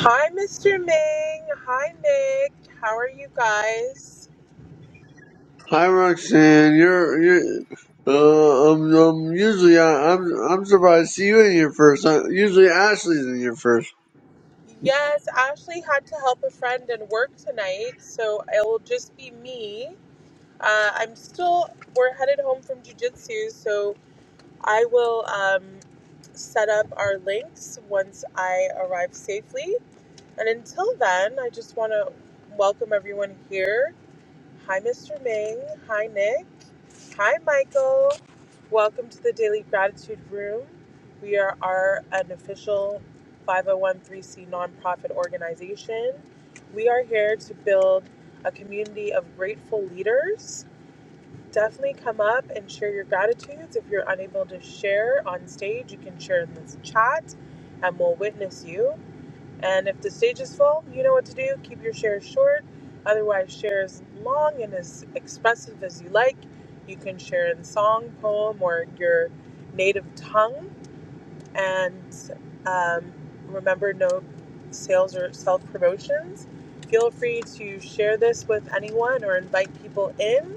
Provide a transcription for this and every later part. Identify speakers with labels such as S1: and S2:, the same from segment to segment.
S1: Hi, Mr. Ming. Hi, Nick. How are you guys?
S2: Hi Roxanne, you're you. Uh, um, um, usually I, I'm I'm surprised to see you in here first. Uh, usually Ashley's in here first.
S1: Yes, Ashley had to help a friend and work tonight, so it'll just be me. Uh, I'm still, we're headed home from jujitsu, so I will um, set up our links once I arrive safely. And until then, I just want to welcome everyone here. Hi, Mr. Ming. Hi, Nick. Hi, Michael. Welcome to the Daily Gratitude Room. We are our unofficial 5013C nonprofit organization. We are here to build a community of grateful leaders. Definitely come up and share your gratitudes. If you're unable to share on stage, you can share in this chat and we'll witness you. And if the stage is full, you know what to do. Keep your shares short. Otherwise, share as long and as expressive as you like. You can share in song, poem, or your native tongue. And um, remember, no sales or self promotions. Feel free to share this with anyone or invite people in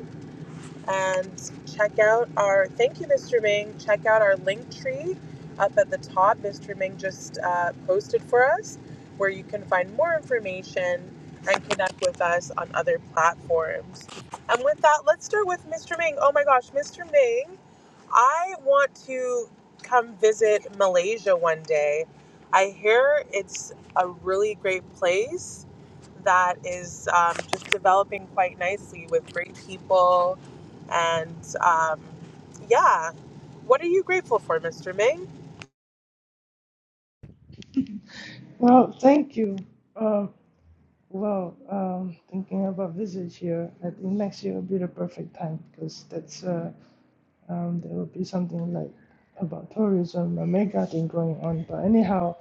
S1: and check out our thank you mr ming check out our link tree up at the top mr ming just uh, posted for us where you can find more information and connect with us on other platforms and with that let's start with mr ming oh my gosh mr ming I want to come visit Malaysia one day. I hear it's a really great place that is um, just developing quite nicely with great people. And um, yeah, what are you grateful for, Mr. Ming?
S3: Well, thank you. Um, well, um, thinking about visit here, I think next year will be the perfect time because that's uh, um, there will be something like about tourism, a mega thing going on. But anyhow,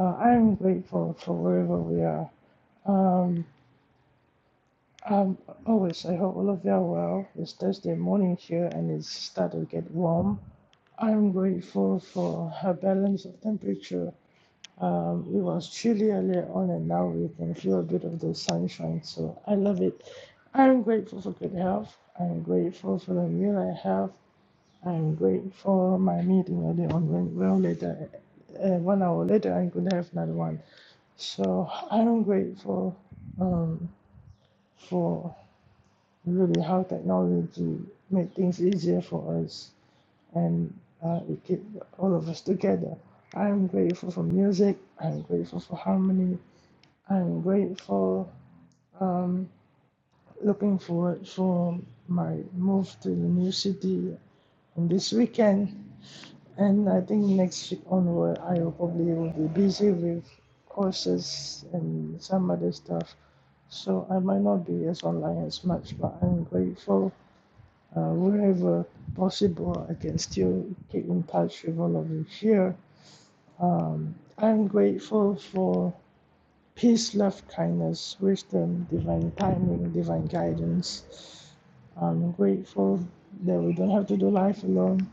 S3: uh, I'm grateful for wherever we are. Um, um, always, I hope all of you are well. It's Thursday morning here and it's starting to get warm. I'm grateful for a balance of temperature Um, it was chilly earlier on, and now we can feel a bit of the sunshine. So I love it. I'm grateful for good health. I'm grateful for the meal I have. I'm grateful my meeting earlier on went well. Later, uh, one hour later, I could have another one. So I'm grateful um, for really how technology made things easier for us, and uh, it kept all of us together. I'm grateful for music. I'm grateful for harmony. I'm grateful. Um, looking forward for my move to the new city on this weekend, and I think next week onward I will probably will be busy with courses and some other stuff. So I might not be as online as much, but I'm grateful. Uh, wherever possible, I can still keep in touch with all of you here. Um, I'm grateful for peace, love, kindness, wisdom, divine timing, divine guidance. I'm grateful that we don't have to do life alone.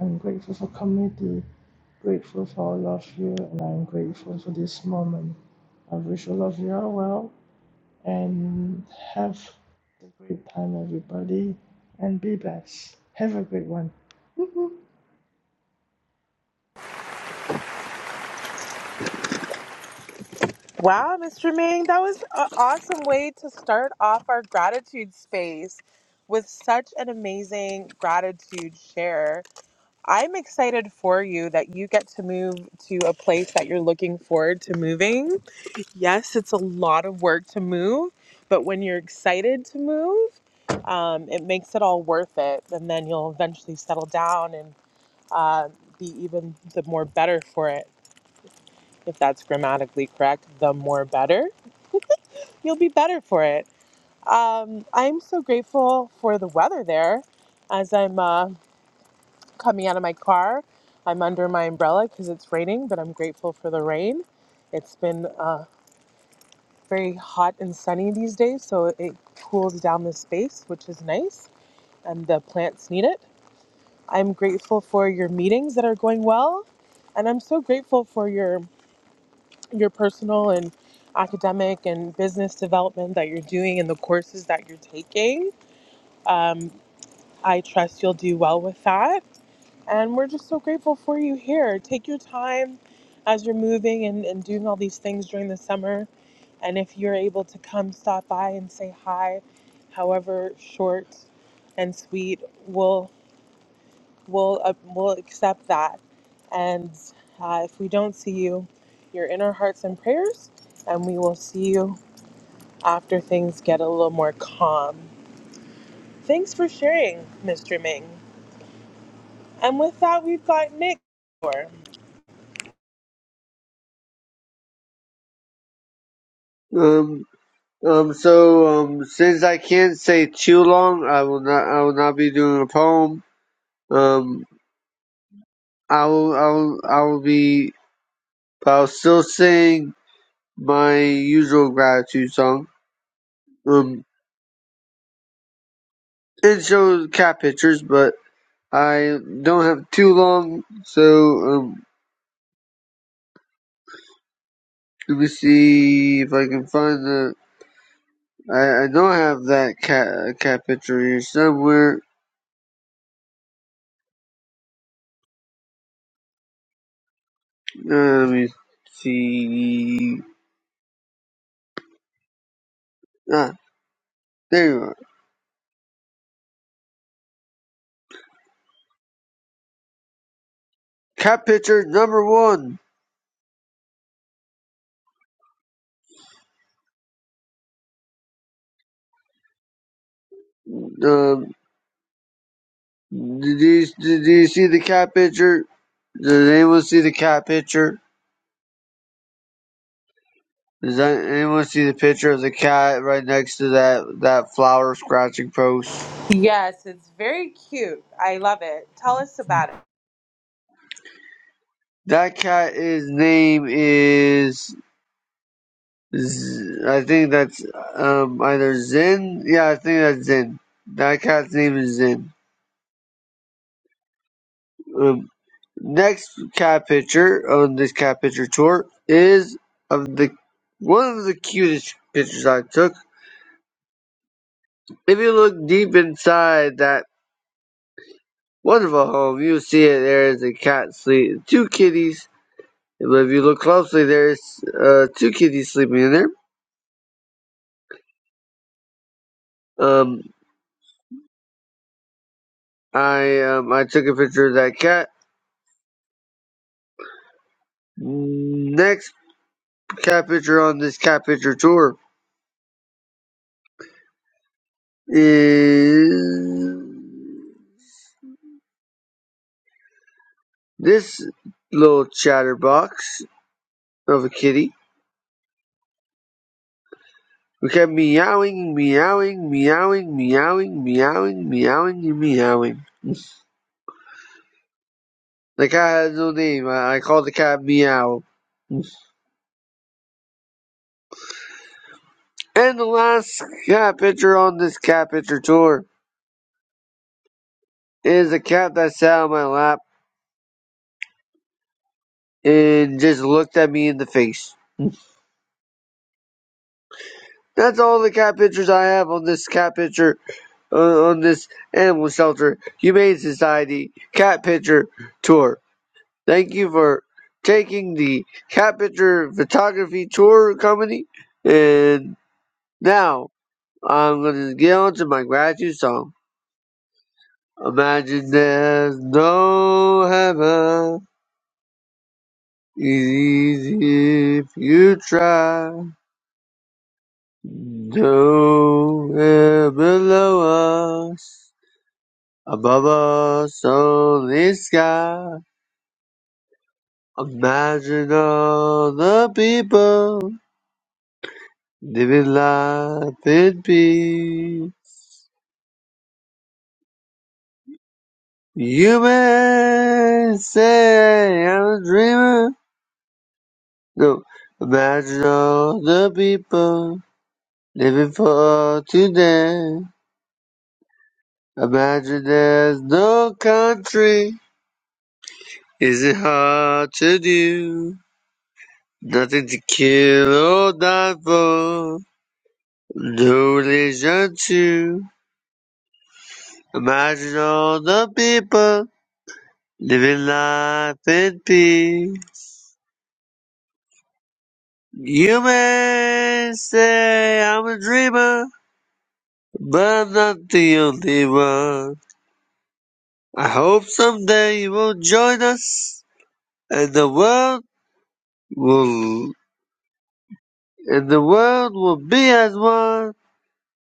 S3: I'm grateful for community, grateful for all of you, and I'm grateful for this moment. I wish all of you are well and have a great time, everybody, and be blessed. Have a great one.
S1: Wow, Mr. Ming, that was an awesome way to start off our gratitude space with such an amazing gratitude share. I'm excited for you that you get to move to a place that you're looking forward to moving. Yes, it's a lot of work to move, but when you're excited to move, um, it makes it all worth it. And then you'll eventually settle down and uh, be even the more better for it. If that's grammatically correct, the more better, you'll be better for it. Um, I'm so grateful for the weather there as I'm uh, coming out of my car. I'm under my umbrella because it's raining, but I'm grateful for the rain. It's been uh, very hot and sunny these days, so it cools down the space, which is nice, and the plants need it. I'm grateful for your meetings that are going well, and I'm so grateful for your your personal and academic and business development that you're doing and the courses that you're taking. Um, I trust you'll do well with that. And we're just so grateful for you here. Take your time as you're moving and, and doing all these things during the summer. And if you're able to come stop by and say hi, however short and sweet, we'll, we'll, uh, we'll accept that. And uh, if we don't see you, you're in our hearts and prayers, and we will see you after things get a little more calm. Thanks for sharing, Mr. Ming. And with that, we've got Nick.
S2: Um, um. So um, since I can't say too long, I will not. I will not be doing a poem. Um, I will. I will. I will be. I'll still sing my usual gratitude song. Um, and show cat pictures, but I don't have too long. So um, Let me see if I can find the. I, I know I have that cat cat picture here somewhere. Uh, let me see. Ah, there you are. Cat picture number one. Um, did you did you see the cat picture? Does anyone see the cat picture? Does that, anyone see the picture of the cat right next to that that flower scratching post?
S1: Yes, it's very cute. I love it. Tell us about it.
S2: That cat. His name is Z- I think that's um, either Zen. Yeah, I think that's Zen. That cat's name is Zen. Um, next cat picture on this cat picture tour is of the one of the cutest pictures I took. If you look deep inside that wonderful home, you'll see it. There is a cat sleep, two kitties. But if you look closely, there's uh, two kitties sleeping in there. Um, I um, I took a picture of that cat. Next cat picture on this cat picture tour is this little chatterbox of a kitty. We kept meowing, meowing, meowing, meowing, meowing, meowing, and meowing. The cat has no name. I, I called the cat Meow. And the last cat picture on this cat picture tour is a cat that sat on my lap and just looked at me in the face. That's all the cat pictures I have on this cat picture on, on this animal shelter humane society cat picture tour. Thank you for taking the cat picture photography tour company. And now I'm gonna get on to my gratitude song. Imagine there's no heaven. It's easy if you try. Nowhere below us, above us only sky. Imagine all the people living life in peace. You may say I'm a dreamer. No, imagine all the people living for today. Imagine there's no country. Is it hard to do? Nothing to kill or die for. No religion too. Imagine all the people Living life in peace. You may say I'm a dreamer, but I'm not the only one. I hope someday you will join us, and the world will, and the world will be as one.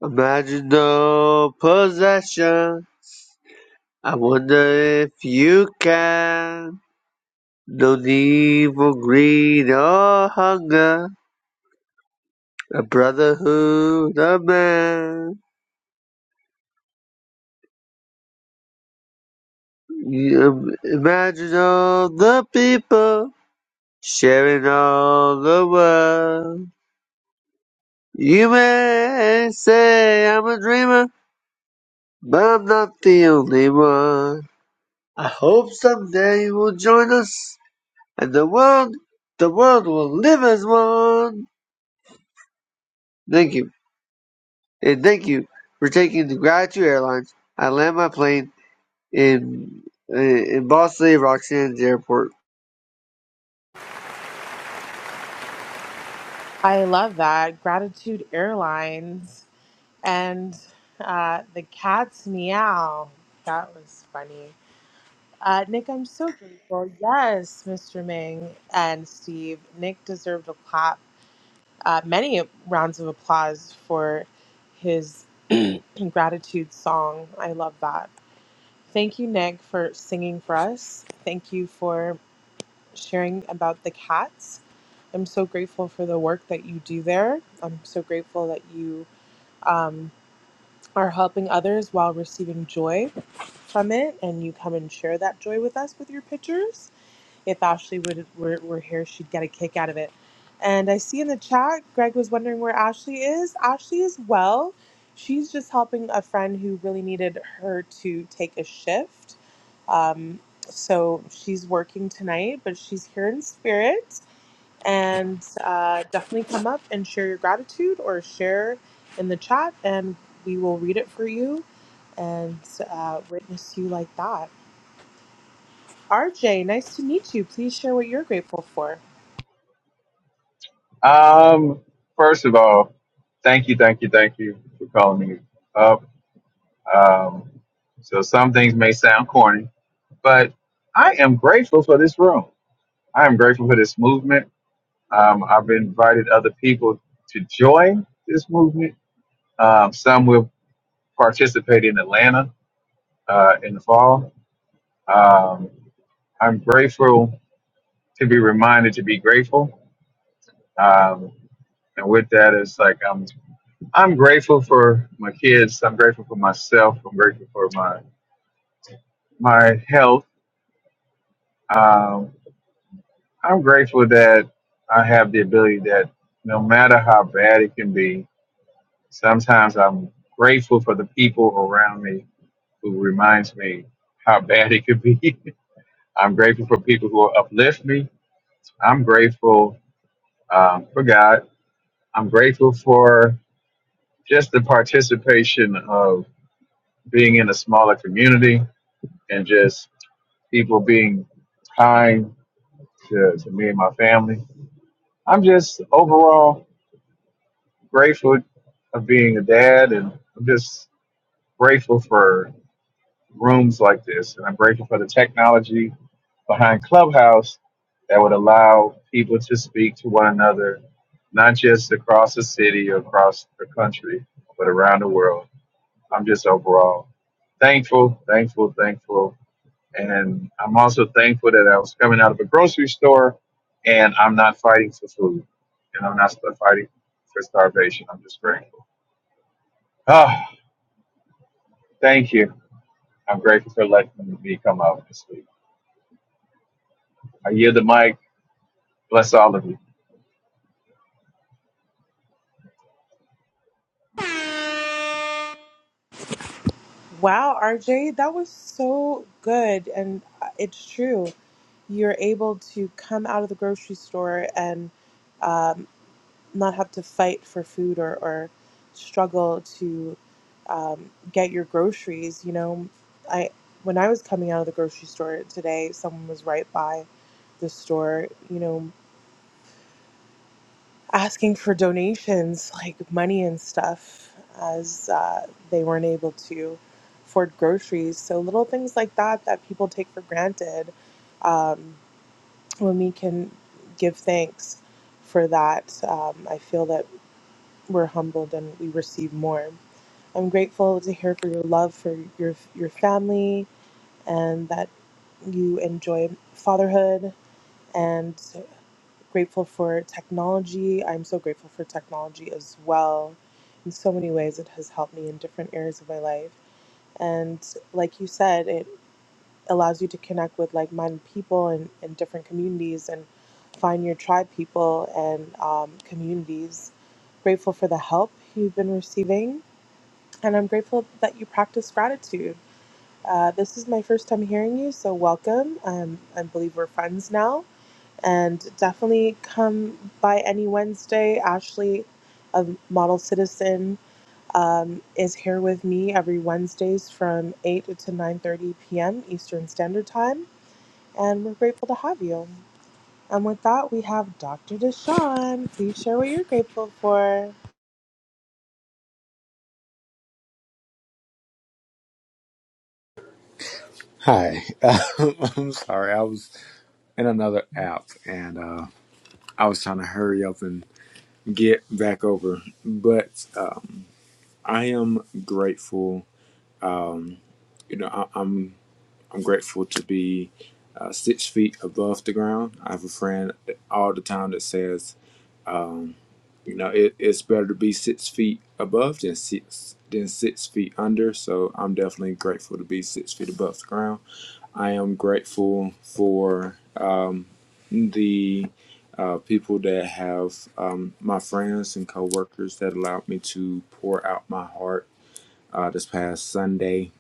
S2: Imagine no possession. I wonder if you can. No need for greed or hunger. A brotherhood of man. You imagine all the people sharing all the world. You may say I'm a dreamer, but I'm not the only one. I hope someday you will join us, and the world, the world will live as one. Thank you, and thank you for taking the Gratitude Airlines. I land my plane in in, in Boss City, Roxanne's airport.
S1: I love that. Gratitude Airlines and uh, the cat's meow. That was funny. Uh, Nick, I'm so grateful. Yes, Mr. Ming and Steve. Nick deserved a clap, uh, many rounds of applause for his gratitude song. I love that. Thank you, Nick, for singing for us. Thank you for sharing about the cats. I'm so grateful for the work that you do there. I'm so grateful that you um, are helping others while receiving joy from it, and you come and share that joy with us with your pictures. If Ashley would were, were here, she'd get a kick out of it. And I see in the chat, Greg was wondering where Ashley is. Ashley is well. She's just helping a friend who really needed her to take a shift. Um, so she's working tonight, but she's here in spirit and uh, definitely come up and share your gratitude or share in the chat and we will read it for you and uh, witness you like that rj nice to meet you please share what you're grateful for
S4: Um, first of all, thank you, thank you, thank you for calling me up. Um, so some things may sound corny, but I am grateful for this room. I am grateful for this movement. Um, I've invited other people to join this movement. Um, some will participate in Atlanta uh, in the fall. Um, I'm grateful to be reminded to be grateful. Um, and with that, it's like I'm I'm grateful for my kids. I'm grateful for myself. I'm grateful for my my health. Um, I'm grateful that I have the ability that no matter how bad it can be, sometimes I'm grateful for the people around me who reminds me how bad it could be. I'm grateful for people who uplift me. I'm grateful um, for God. I'm grateful for just the participation of being in a smaller community. and just people being kind to, to me and my family. I'm just overall grateful of being a dad, and I'm just grateful for rooms like this, and I'm grateful for the technology behind Clubhouse that would allow people to speak to one another, not just across the city or across the country, but around the world. I'm just overall thankful, thankful, thankful And I'm also thankful that I was coming out of a grocery store and I'm not fighting for food and I'm not st- fighting for starvation. I'm just grateful. Ah, thank you. I'm grateful for letting me come out and speak. I yield the mic. Bless all of you.
S1: wow rj that was so good and uh, it's true you're able to come out of the grocery store and um, not have to fight for food or, or struggle to um, get your groceries. You know, I when I was coming out of the grocery store today, someone was right by the store. You know, asking for donations like money and stuff as uh, they weren't able to afford groceries. So little things like that that people take for granted um, when we can give thanks for that. Um, I feel that we're humbled and we receive more. I'm grateful to hear for your love for your your family and that you enjoy fatherhood and grateful for technology. I'm so grateful for technology as well. In so many ways it has helped me in different areas of my life. And like you said, it allows you to connect with like-minded people and in, in different communities and find your tribe people and um, communities. Grateful for the help you've been receiving and I'm grateful that you practice gratitude. Uh, this is my first time hearing you, so welcome. Um, I believe we're friends now, and definitely come by any Wednesday. Ashley, of Model Citizen, um, is here with me every Wednesdays from eight to nine thirty p.m. Eastern Standard Time, and we're grateful to have you. And with that, we have Dr. Deshawn. Please share what you're grateful for.
S5: Hi. uh, I'm sorry. I was in another app and uh, I was trying to hurry up and get back over. But um, I am grateful. Um, you know, I, I'm I'm grateful to be uh, six feet above the ground. I have a friend all the time that says, um, you know, it, it's better to be six feet above than six than six feet under. So I'm definitely grateful to be six feet above the ground I am grateful for um, the uh, people that have um, my friends and coworkers that allowed me to pour out my heart uh, this past Sunday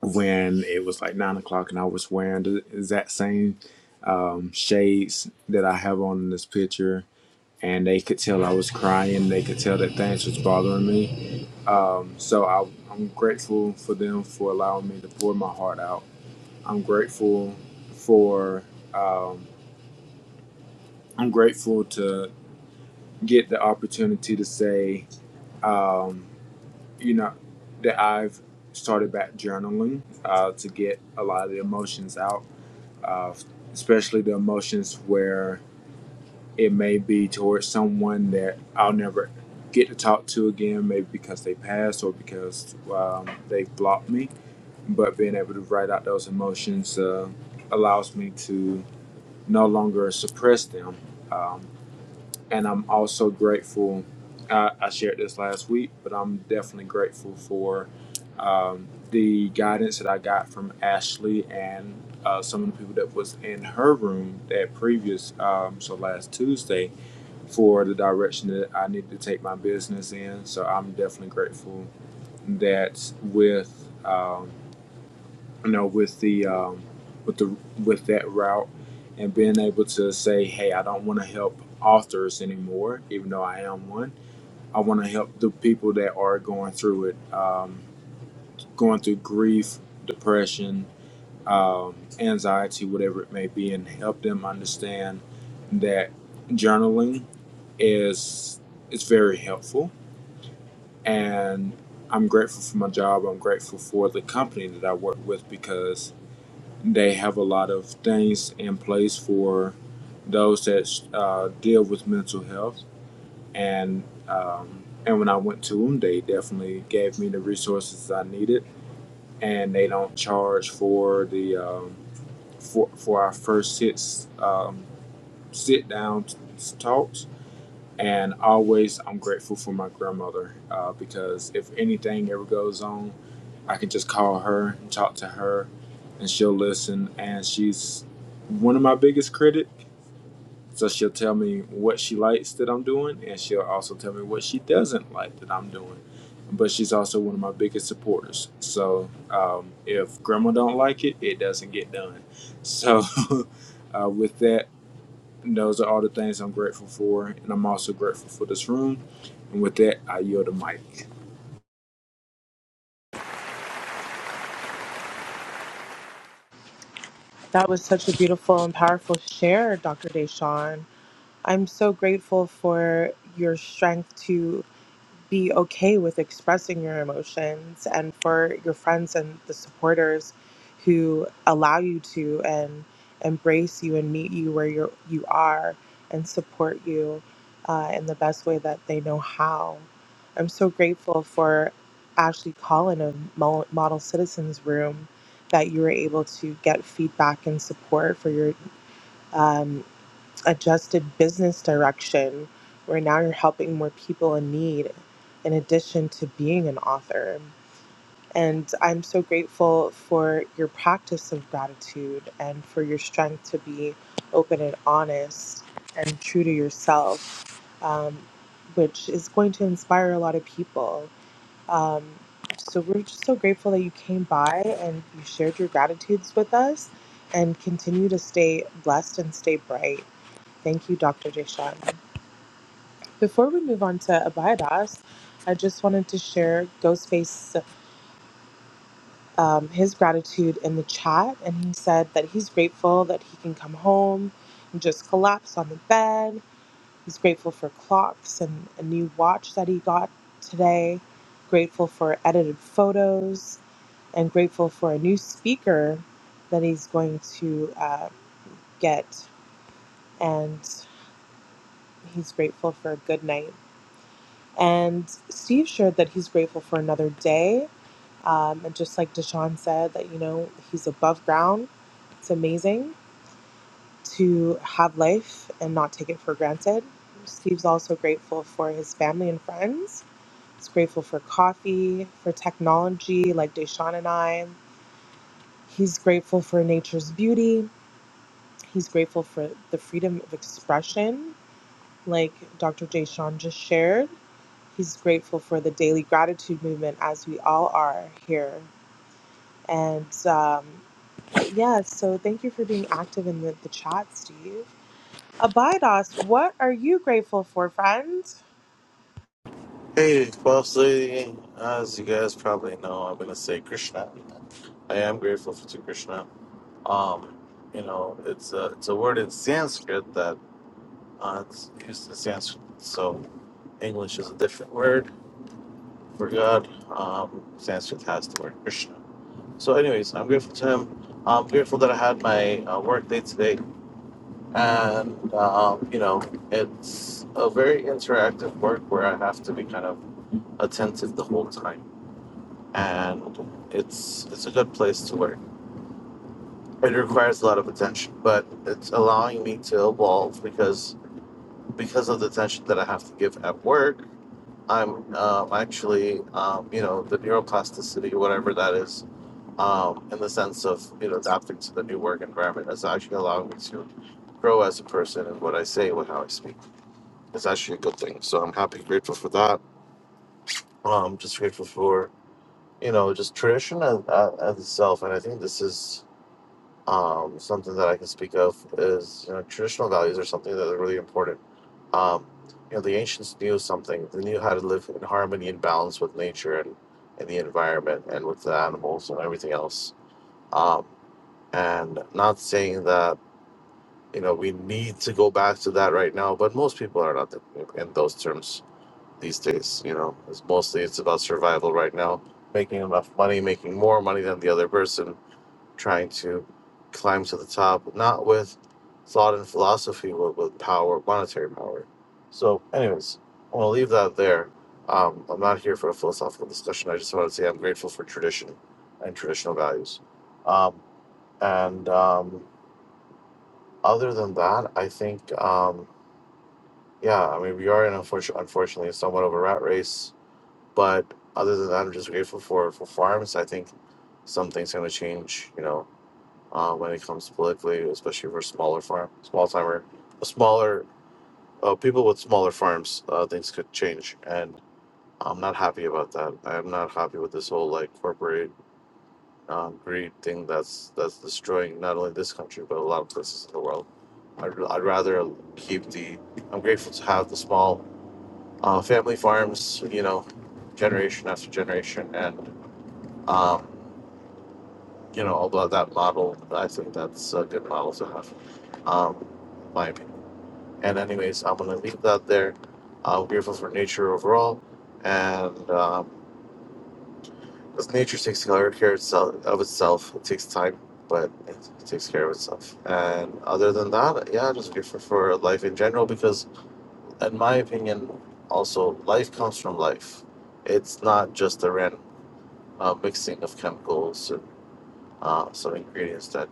S5: when it was like nine o'clock and I was wearing the exact same um, shades that I have on in this picture. And they could tell I was crying. They could tell that things was bothering me. Um, so I, I'm grateful for them for allowing me to pour my heart out I'm grateful for. Um, I'm grateful to get the opportunity to say, um, you know, that I've started back journaling uh, to get a lot of the emotions out, uh, especially the emotions where it may be towards someone that I'll never get to talk to again, maybe because they passed or because um, they blocked me. But being able to write out those emotions uh, allows me to no longer suppress them. Um, and I'm also grateful. I, I shared this last week, but I'm definitely grateful for um, the guidance that I got from Ashley and uh, some of the people that was in her room that previous, um, so last Tuesday, for the direction that I need to take my business in. So I'm definitely grateful that with. Um, you know, with the um, with the with that route and being able to say, hey, I don't want to help authors anymore, even though I am one. I want to help the people that are going through it, um, going through grief, depression, um, anxiety, whatever it may be, and help them understand that journaling is it's very helpful. And I'm grateful for my job. I'm grateful for the company that I work with because They have a lot of things in place for those that uh, deal with mental health, and um, and when I went to them, they definitely gave me the resources I needed, and they don't charge for the um, for for our first sits um, sit down talks and always I'm grateful for my grandmother uh, because if anything ever goes on, I can just call her and talk to her, and she'll listen. And she's one of my biggest critics, so she'll tell me what she likes that I'm doing, and she'll also tell me what she doesn't like that I'm doing. But she's also one of my biggest supporters. So um, if grandma don't like it, it doesn't get done. So uh, with that. And those are all the things I'm grateful for. And I'm also grateful for this room. And with that, I yield the mic.
S1: That was such a beautiful and powerful share, Dr. Deshawn. I'm so grateful for your strength to be okay with expressing your emotions and for your friends and the supporters who allow you to and embrace you and meet you where you you are and support you uh, in the best way that they know how. I'm so grateful for Ashley Collin of Mo- Model Citizens Room that you were able to get feedback and support for your um, adjusted business direction where now you're helping more people in need in addition to being an author. And I'm so grateful for your practice of gratitude and for your strength to be open and honest and true to yourself, um, which is going to inspire a lot of people. Um, so we're just so grateful that you came by and you shared your gratitudes with us and continue to stay blessed and stay bright. Thank you, Dr. Deshawn. Before we move on to Abiadas, I just wanted to share Ghostface um, his gratitude in the chat, and he said that he's grateful that he can come home and just collapse on the bed. He's grateful for clocks and a new watch that he got today. Grateful for edited photos, and grateful for a new speaker that he's going to uh, get. And he's grateful for a good night. And Steve shared that he's grateful for another day. Um, and just like Deshaun said, that, you know, he's above ground. It's amazing to have life and not take it for granted. Steve's also grateful for his family and friends. He's grateful for coffee, for technology, like Deshaun and I. He's grateful for nature's beauty. He's grateful for the freedom of expression, like Dr. Deshaun just shared He's grateful for the daily gratitude movement, as we all are here. And um, yeah, so thank you for being active in the, the chat, Steve. Abidos, what are you grateful for, friend?
S6: Hey, Bossy. As you guys probably know, I'm gonna say Krishna. I am grateful for to Krishna. Um, you know, it's a it's a word in Sanskrit that uh, it's used in Sanskrit. So English is a different word for God. Um, Sanskrit has the word Krishna. So, anyways, I'm grateful to him. I'm grateful that I had my uh, work day today, and um, you know, it's a very interactive work where I have to be kind of attentive the whole time and it's it's a good place to work. It requires a lot of attention, but it's allowing me to evolve because because of the attention that I have to give at work. I'm um, actually um, you know the neuroplasticity, whatever that is, um, in the sense of you know adapting to the new work environment is actually allowing me to grow as a person and what I say and how I speak. It's actually a good thing. So I'm happy, grateful for that. Um, just grateful for you know just tradition as, as itself, and I think this is Um, something that I can speak of is you know, traditional values are something that are really important. Um, you know, the ancients knew something. They knew how to live in harmony and balance with nature and, and the environment and with the animals and everything else. Um, and not saying that you know we need to go back to that right now, but most people are not thinking in those terms these days. You know, it's mostly it's about survival right now, making enough money, making more money than the other person, trying to climb to the top, not with thought and philosophy, but with power, monetary power. So, anyways, I'm gonna leave that there. Um, I'm not here for a philosophical discussion. I just wanted to say I'm grateful for tradition and traditional values. Um, and um, other than that, I think, um, yeah, I mean, we are in unfortunately, unfortunately somewhat of a rat race. But other than that, I'm just grateful for for farms. I think some things are gonna change. You know, uh, when it comes politically, especially for smaller farm, small timer, smaller uh, people with smaller farms, uh, things could change, and I'm not happy about that. I'm not happy with this whole like corporate um, greed thing that's that's destroying not only this country but a lot of places in the world. I'd, I'd rather keep the. I'm grateful to have the small uh, family farms, you know, generation after generation, and um, you know, although that model, I think that's a good model to have, um, my opinion. And anyways, I'm gonna leave that there. I'm grateful for nature overall, and um, 'cause nature takes care care itself of itself. It takes time, but it takes care of itself. And other than that, yeah, just grateful for life in general because, in my opinion, also life comes from life. It's not just a random uh, mixing of chemicals uh, some ingredients that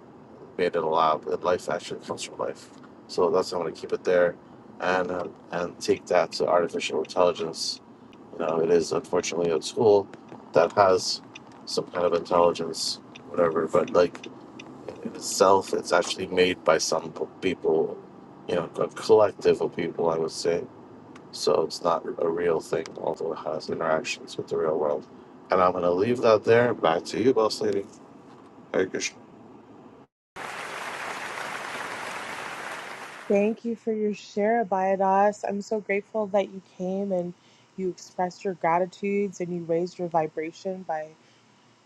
S6: made it alive. That life actually comes from life. So that's I'm going to keep it there, and uh, and take that to artificial intelligence. You know, it is unfortunately a tool that has some kind of intelligence, whatever. But like in itself, it's actually made by some p- people. You know, a collective of people, I would say. So it's not a real thing, although it has interactions with the real world. And I'm going to leave that there. Back to you, boss lady. Hare Krishna.
S1: Thank you for your share, Abidos. I'm so grateful that you came and you expressed your gratitudes and you raised your vibration by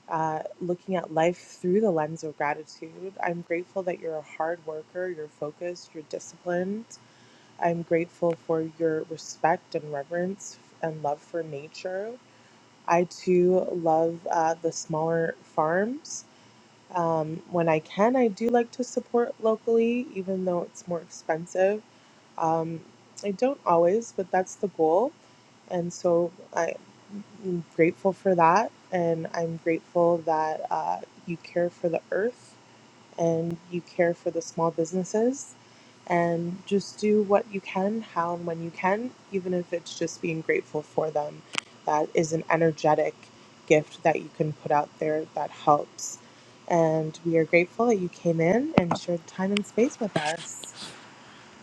S1: uh, looking at life through the lens of gratitude. I'm grateful that you're a hard worker, you're focused, you're disciplined, I'm grateful for your respect and reverence and love for nature. I too love uh, the smaller farms. Um, when I can, I do like to support locally, even though it's more expensive. Um, I don't always, but that's the goal. And so I'm grateful for that. And I'm grateful that uh, you care for the earth and you care for the small businesses and just do what you can, how and when you can, even if it's just being grateful for them. That is an energetic gift that you can put out there that helps. And we are grateful that you came in and shared time and space with us.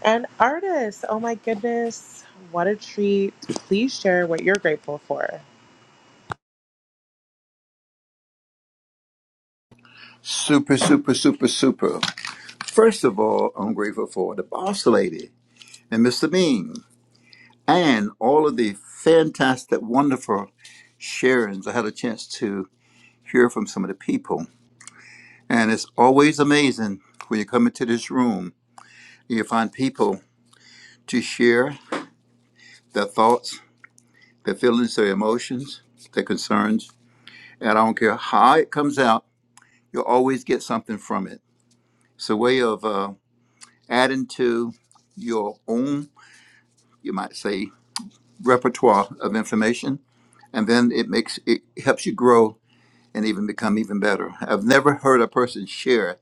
S1: And artists, oh my goodness, what a treat. Please share what you're grateful for.
S7: Super, super, super, super. First of all, I'm grateful for the boss lady and Mr. Bean and all of the fantastic, wonderful sharings. I had a chance to hear from some of the people. And it's always amazing when you come into this room, you find people to share their thoughts, their feelings, their emotions, their concerns. And I don't care how it comes out, you'll always get something from it. It's a way of uh, adding to your own you might say, repertoire of information, and then it makes it helps you grow and even become even better. I've never heard a person share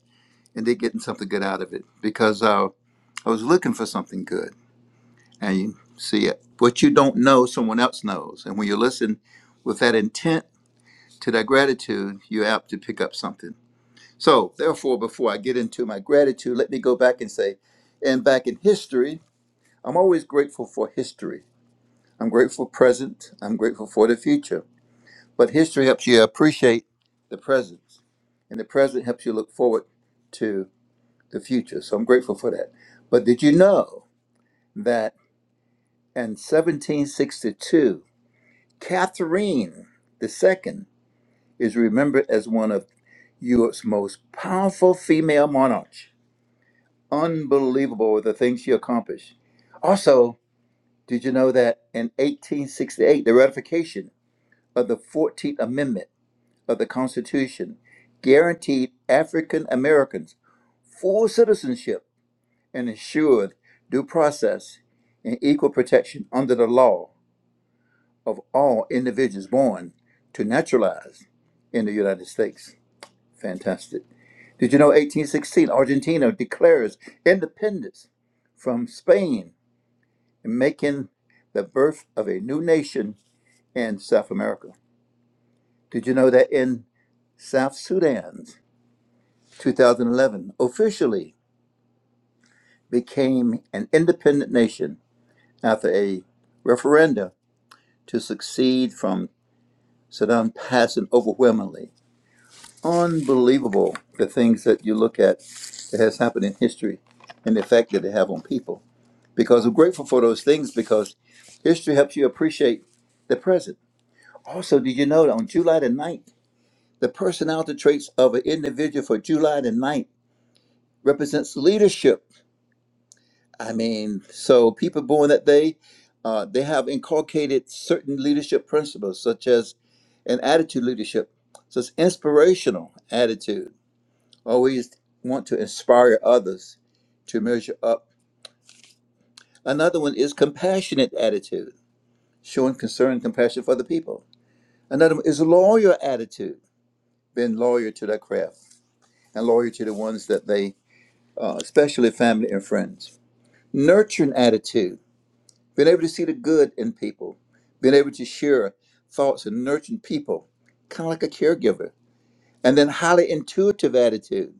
S7: and they're getting something good out of it because uh, I was looking for something good, and you see it. What you don't know, someone else knows, and when you listen with that intent to that gratitude, you're apt to pick up something. So, therefore, before I get into my gratitude, let me go back and say, and back in history, I'm always grateful for history I'm grateful present. I'm grateful for the future. But history helps you appreciate the present, and the present helps you look forward to the future. So I'm grateful for that. But did you know that in 1762, Catherine the Second is remembered as one of Europe's most powerful female monarchs? Unbelievable the things she accomplished. Also, did you know that in 1868, the ratification of the 14th Amendment? of the Constitution guaranteed African Americans full citizenship and ensured due process and equal protection under the law of all individuals born to naturalize in the United States. Fantastic. Did you know 1816 Argentina declares independence from Spain, making the birth of a new nation in South America? Did you know that in South Sudan. 2011 officially became an independent nation after a referenda to succeed from Saddam passing overwhelmingly. Unbelievable the things that you look at that has happened in history and the effect that they have on people. Because I'm grateful for those things because history helps you appreciate the present. Also, did you know that on July the 9th, the personality traits of an individual for July the 9th represents leadership I mean, so people born that day, uh, they have inculcated certain leadership principles, such as an attitude leadership, so it's inspirational attitude. Always want to inspire others to measure up. Another one is compassionate attitude, showing concern and compassion for the people. Another one is loyal attitude, being loyal to their craft and loyal to the ones that they, uh, especially family and friends. Nurturing attitude Being able to see the good in people, being able to share thoughts and nurturing people, kind of like a caregiver. And then highly intuitive attitude,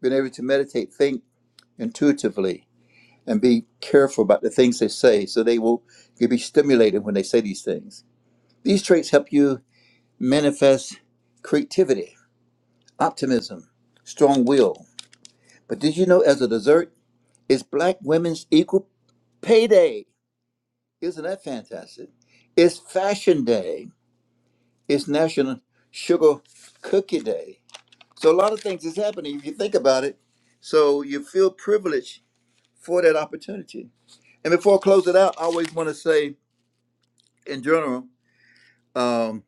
S7: being able to meditate, think intuitively, and be careful about the things they say so they will you'll be stimulated when they say these things. These traits help you manifest creativity, optimism, strong will. But did you know as a dessert, it's black women's equal pay day. Isn't that fantastic? It's fashion day. It's National Sugar Cookie Day. So a lot of things is happening if you think about it. So you feel privileged for that opportunity. And before I close it out, I always want to say, in general, um,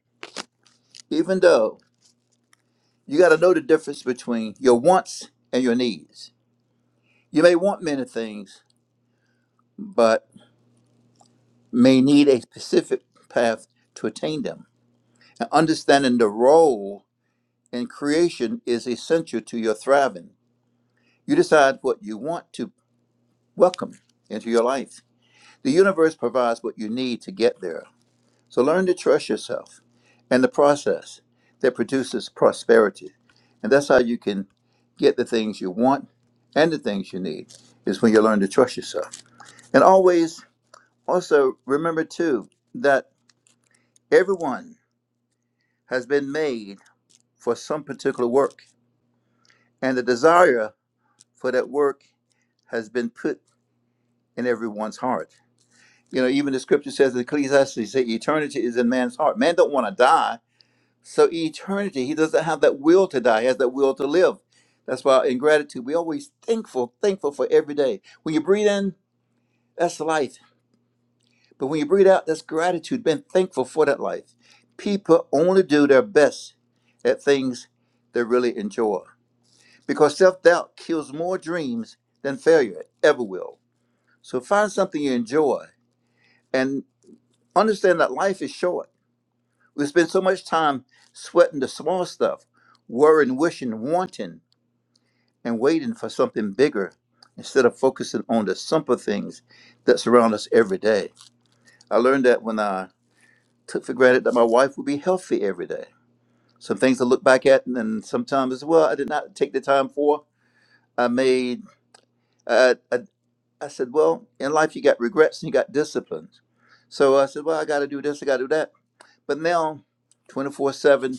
S7: even though you got to know the difference between your wants and your needs. You may want many things, but may need a specific path to attain them. And understanding the role in creation is essential to your thriving. You decide what you want to Welcome into your life. The universe provides what you need to get there. So learn to trust yourself and the process that produces prosperity. And that's how you can get the things you want and the things you need, is when you learn to trust yourself. And always also remember, too, that everyone has been made for some particular work, and the desire for that work has been put in everyone's heart. You know, even the scripture says in Ecclesiastes, say eternity is in man's heart. Man don't want to die. So eternity, he doesn't have that will to die. He has that will to live. That's why in gratitude, we always thankful, thankful for every day. When you breathe in, that's life. But when you breathe out, that's gratitude, being thankful for that life. People only do their best at things they really enjoy. Because self-doubt kills more dreams than failure ever will. So find something you enjoy and understand that life is short We spend so much time sweating the small stuff, worrying, wishing, wanting, and waiting for something bigger instead of focusing on the simple things that surround us every day. I learned that when I took for granted that my wife would be healthy every day. Some things I look back at, and then sometimes as well, I did not take the time for. I made, uh, I, I said, well, in life you got regrets and you got disciplines. So I said, well, I got to do this, I got to do that. But now, 24 7,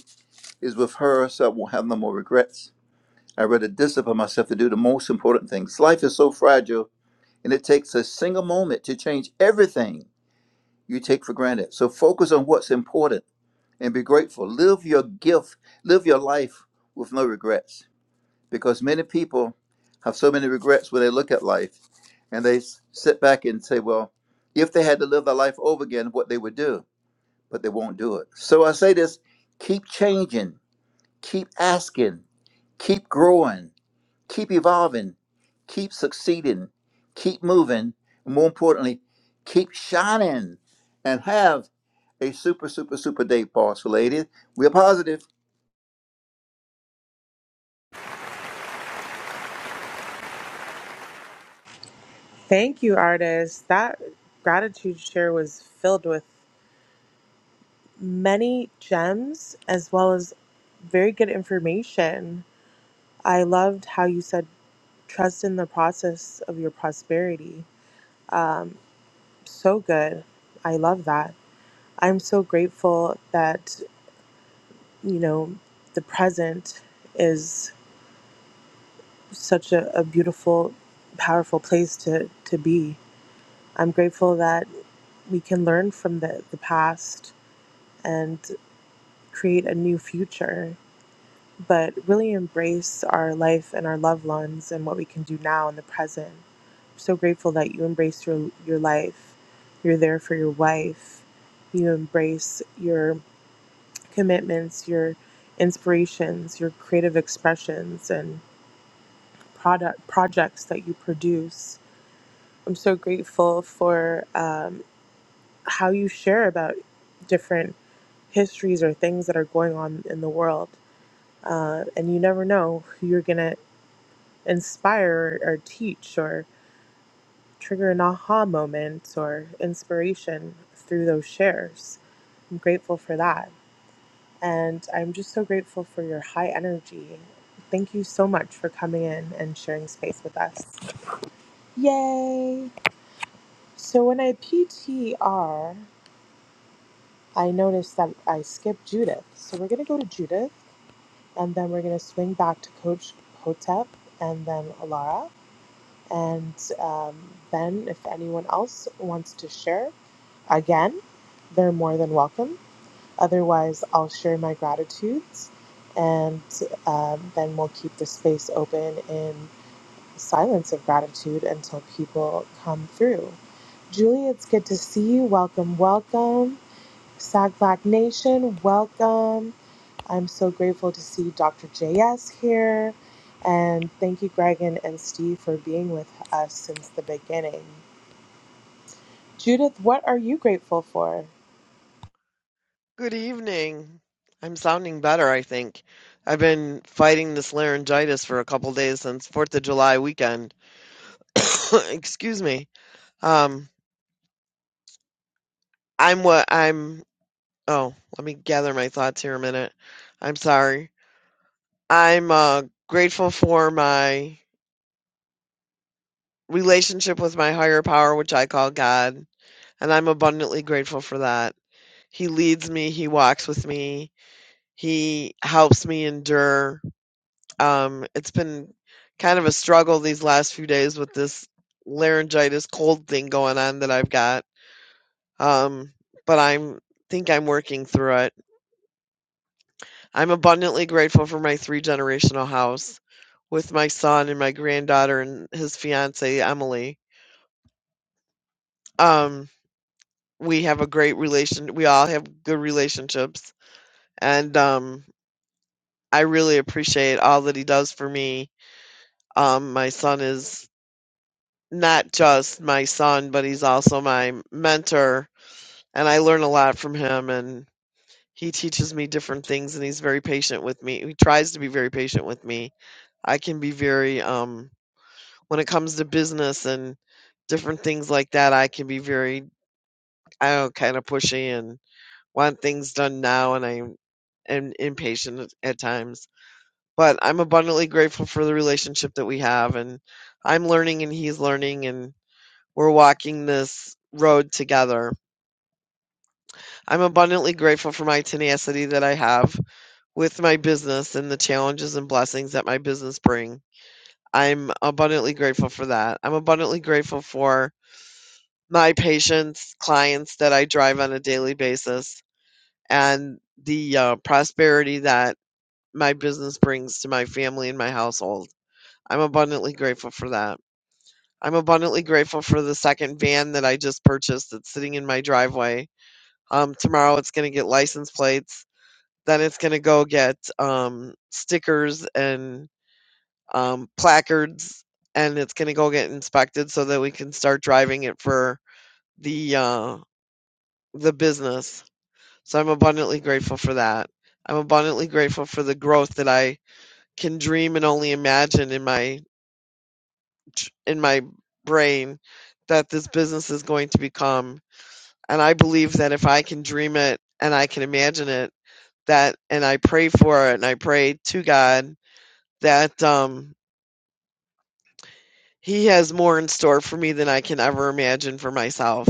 S7: is with her so I won't have no more regrets. I rather discipline myself to do the most important things. Life is so fragile and it takes a single moment to change everything you take for granted. So focus on what's important and be grateful. Live your gift, live your life with no regrets because many people have so many regrets when they look at life and they s- sit back and say, well, if they had to live their life over again, what they would do, but they won't do it. So I say this keep changing Keep asking, keep growing, keep evolving, keep succeeding, keep moving, and more importantly, keep shining and have a super, super, super day, boss ladies. We're positive.
S1: Thank you, artists. That gratitude share was filled with many gems as well as very good information. I loved how you said trust in the process of your prosperity. Um, so good. I love that. I'm so grateful that, you know, the present is such a, a beautiful, powerful place to, to be. I'm grateful that we can learn from the, the past and create a new future but really embrace our life and our loved ones and what we can do now in the present. I'm so grateful that you embrace your, your life. You're there for your wife. You embrace your commitments, your inspirations, your creative expressions, and product projects that you produce. I'm so grateful for um, how you share about different histories or things that are going on in the world. Uh, and you never know who you're gonna inspire or teach or trigger an aha moment or inspiration through those shares. I'm grateful for that. And I'm just so grateful for your high energy. Thank you so much for coming in and sharing space with us. Yay! So when I P T R, I noticed that I skipped Judith. So we're going to go to Judith and then we're going to swing back to Coach Hotep and then Alara. And um, then, if anyone else wants to share, again, they're more than welcome. Otherwise, I'll share my gratitudes and um, then we'll keep the space open in silence of gratitude until people come through. Julie, it's good to see you. Welcome, welcome. Sag Black Nation, welcome. I'm so grateful to see Dr. JS here. And thank you, Gregan and Steve, for being with us since the beginning. Judith, what are you grateful for?
S8: Good evening. I'm sounding better, I think. I've been fighting this laryngitis for a couple days since Fourth of July weekend. Excuse me. Um, I'm what I'm. Oh, let me gather my thoughts here a minute. I'm sorry. I'm uh, grateful for my relationship with my higher power, which I call God, and I'm abundantly grateful for that. He leads me, He walks with me, He helps me endure Um, it's been kind of a struggle these last few days with this laryngitis cold thing going on that I've got. Um, but I'm think I'm working through it. I'm abundantly grateful for my three generational house with my son and my granddaughter and his fiance Emily. Um, we have a great relation. We all have good relationships, and um, I really appreciate all that he does for me. Um, my son is not just my son, but he's also my mentor. And I learn a lot from him. And he teaches me different things. And he's very patient with me. He tries to be very patient with me. I can be very, um, when it comes to business and different things like that, I can be very, I don't know, kind of pushy and want things done now. And I'm and impatient at at times. But I'm abundantly grateful for the relationship that we have, and I'm learning and he's learning, and. we're walking this road together. I'm abundantly grateful for my tenacity that I have with my business and the challenges and blessings that my business bring. I'm abundantly grateful for that. I'm abundantly grateful for my patients, clients that I drive on a daily basis, and the uh, prosperity that my business brings to my family and my household. I'm abundantly grateful for that. I'm abundantly grateful for the second van that I just purchased that's sitting in my driveway Um, tomorrow it's going to get license plates. Then it's going to go get um, stickers and um, placards, and it's going to go get inspected so that we can start driving it for the uh, the business. So I'm abundantly grateful for that. I'm abundantly grateful for the growth that I can dream and only imagine in my in my brain that this business is going to become. And I believe that if I can dream it and I can imagine it, that and I pray for it and I pray to God that um he has more in store for me than I can ever imagine for myself.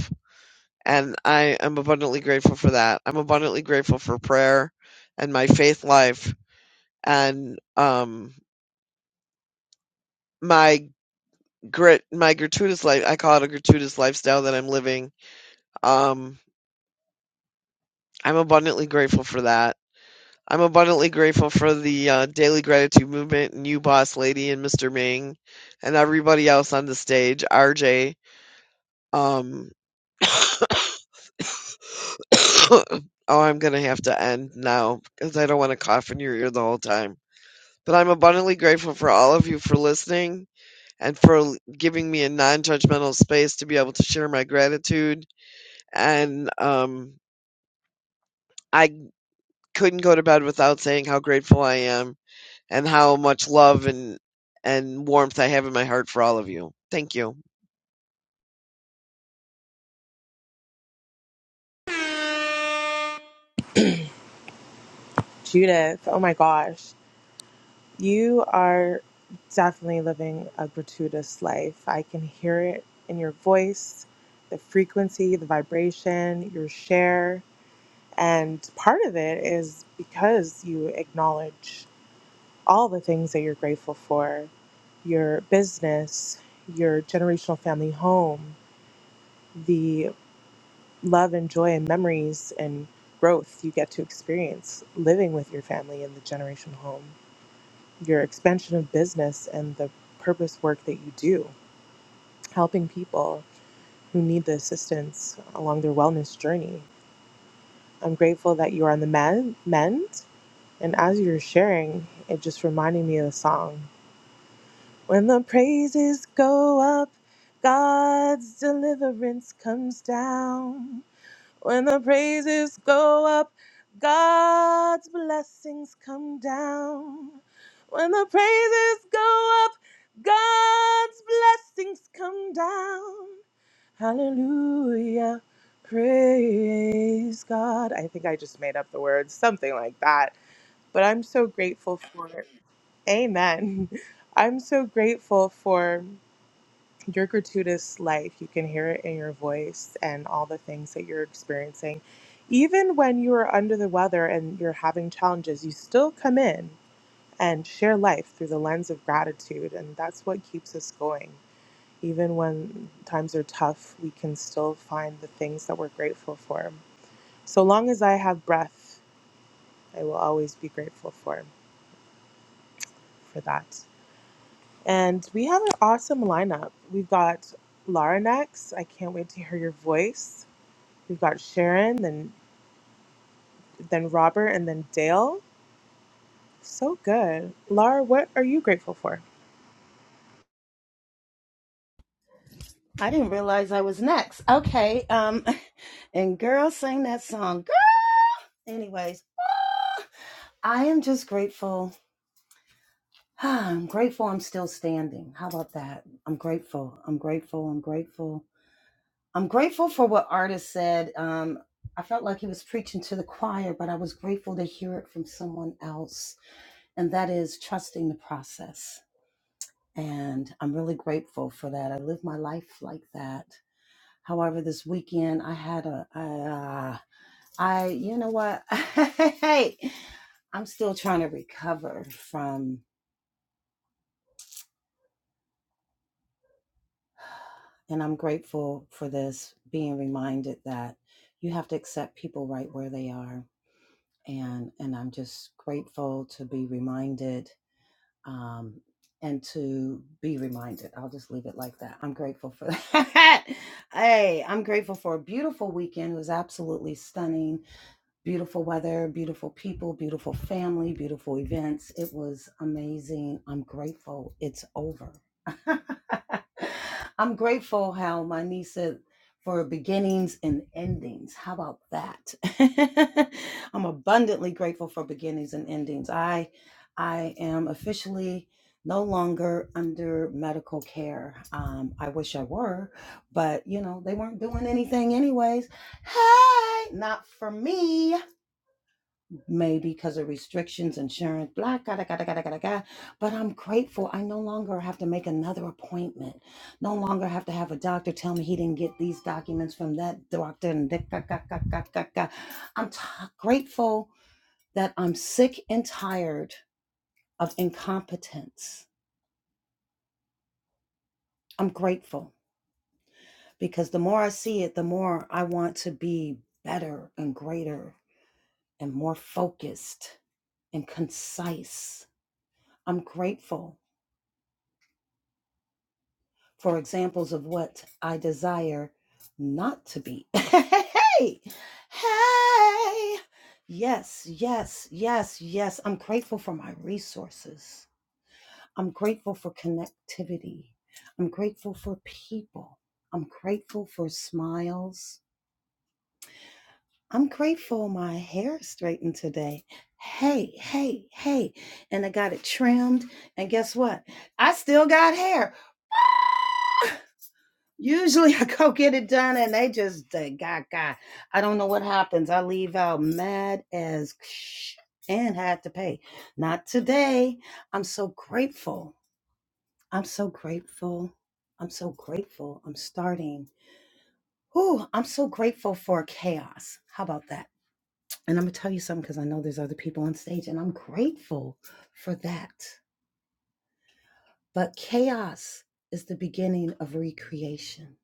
S8: And I am abundantly grateful for that. I'm abundantly grateful for prayer and my faith life and um my grit my gratuitous life I call it a gratuitous lifestyle that I'm living. Um I'm abundantly grateful for that I'm abundantly grateful for the uh, Daily Gratitude Movement and you, Boss Lady, and Mr. Ming, and everybody else on the stage. RJ. Um, oh, I'm going to have to end now because I don't want to cough in your ear the whole time. But I'm abundantly grateful for all of you for listening and for l- giving me a non judgmental space to be able to share my gratitude. And um, I couldn't go to bed without saying how grateful I am and how much love and and warmth I have in my heart for all of you. Thank you.
S1: Judith, oh my gosh, you are definitely living a gratuitous life. I can hear it in your voice, the frequency, the vibration, your share. And part of it is because you acknowledge all the things that you're grateful for your business, your generational family home, the love and joy and memories and growth you get to experience living with your family in the generational home, your expansion of business and the purpose work that you do, helping people who need the assistance along their wellness journey. I'm grateful that you're on the men, mend. And as you're sharing, it just reminded me of the song When the praises go up, God's deliverance comes down. When the praises go up, God's blessings come down. When the praises go up, God's blessings come down. Hallelujah. Praise God. I think I just made up the words, something like that. But I'm so grateful for it. Amen. I'm so grateful for your gratuitous life. You can hear it in your voice and all the things that you're experiencing. Even when you are under the weather and you're having challenges, you still come in and share life through the lens of gratitude. And that's what keeps us going. Even when times are tough, we can still find the things that we're grateful for. So long as I have breath, I will always be grateful for, for that. And we have an awesome lineup. We've got Lara next. I can't wait to hear your voice. We've got Sharon, then then Robert, and then Dale. So good. Laura, what are you grateful for?
S9: I didn't realize I was next. Okay. Um and girl sang that song. Girl. Anyways, I am just grateful. I'm grateful I'm still standing. How about that? I'm grateful. I'm grateful. I'm grateful. I'm grateful for what artist said. Um I felt like he was preaching to the choir, but I was grateful to hear it from someone else. And that is trusting the process. And I'm really grateful for that. I live my life like that. However, this weekend I had a I, you know what? hey, I'm still trying to recover from, and I'm grateful for this being reminded that you have to accept people right where they are, and and I'm just grateful to be reminded, um, and to be reminded. I'll just leave it like that. I'm grateful for that. hey, I'm grateful for a beautiful weekend. It was absolutely stunning. Beautiful weather, beautiful people, beautiful family, beautiful events. It was amazing. I'm grateful it's over. I'm grateful how my niece said for beginnings and endings. How about that? I'm abundantly grateful for beginnings and endings. I I am officially no longer under medical care. Um, I wish I were, but you know, they weren't doing anything anyways. Hey, not for me maybe because of restrictions, insurance, blah, gotta, gotta, gotta, gotta, gotta. But I'm grateful. I no longer have to make another appointment. No longer have to have a doctor tell me he didn't get these documents from that doctor. And da, ga, ga, ga, ga, ga, ga. I'm t- grateful that I'm sick and tired of incompetence. I'm grateful because the more I see it, the more I want to be better and greater and more focused and concise. I'm grateful for examples of what I desire not to be. hey, hey, yes, yes, yes, yes. I'm grateful for my resources. I'm grateful for connectivity. I'm grateful for people. I'm grateful for smiles. I'm grateful my hair straightened today. Hey, hey, hey. And I got it trimmed. And guess what? I still got hair. Usually I go get it done and they just uh, gaga. I don't know what happens. I leave out mad as sh- and had to pay. Not today. I'm so grateful. I'm so grateful. I'm so grateful. I'm starting. Ooh, I'm so grateful for chaos. How about that? And I'm gonna tell you something because I know there's other people on stage and I'm grateful for that. But chaos is the beginning of recreation.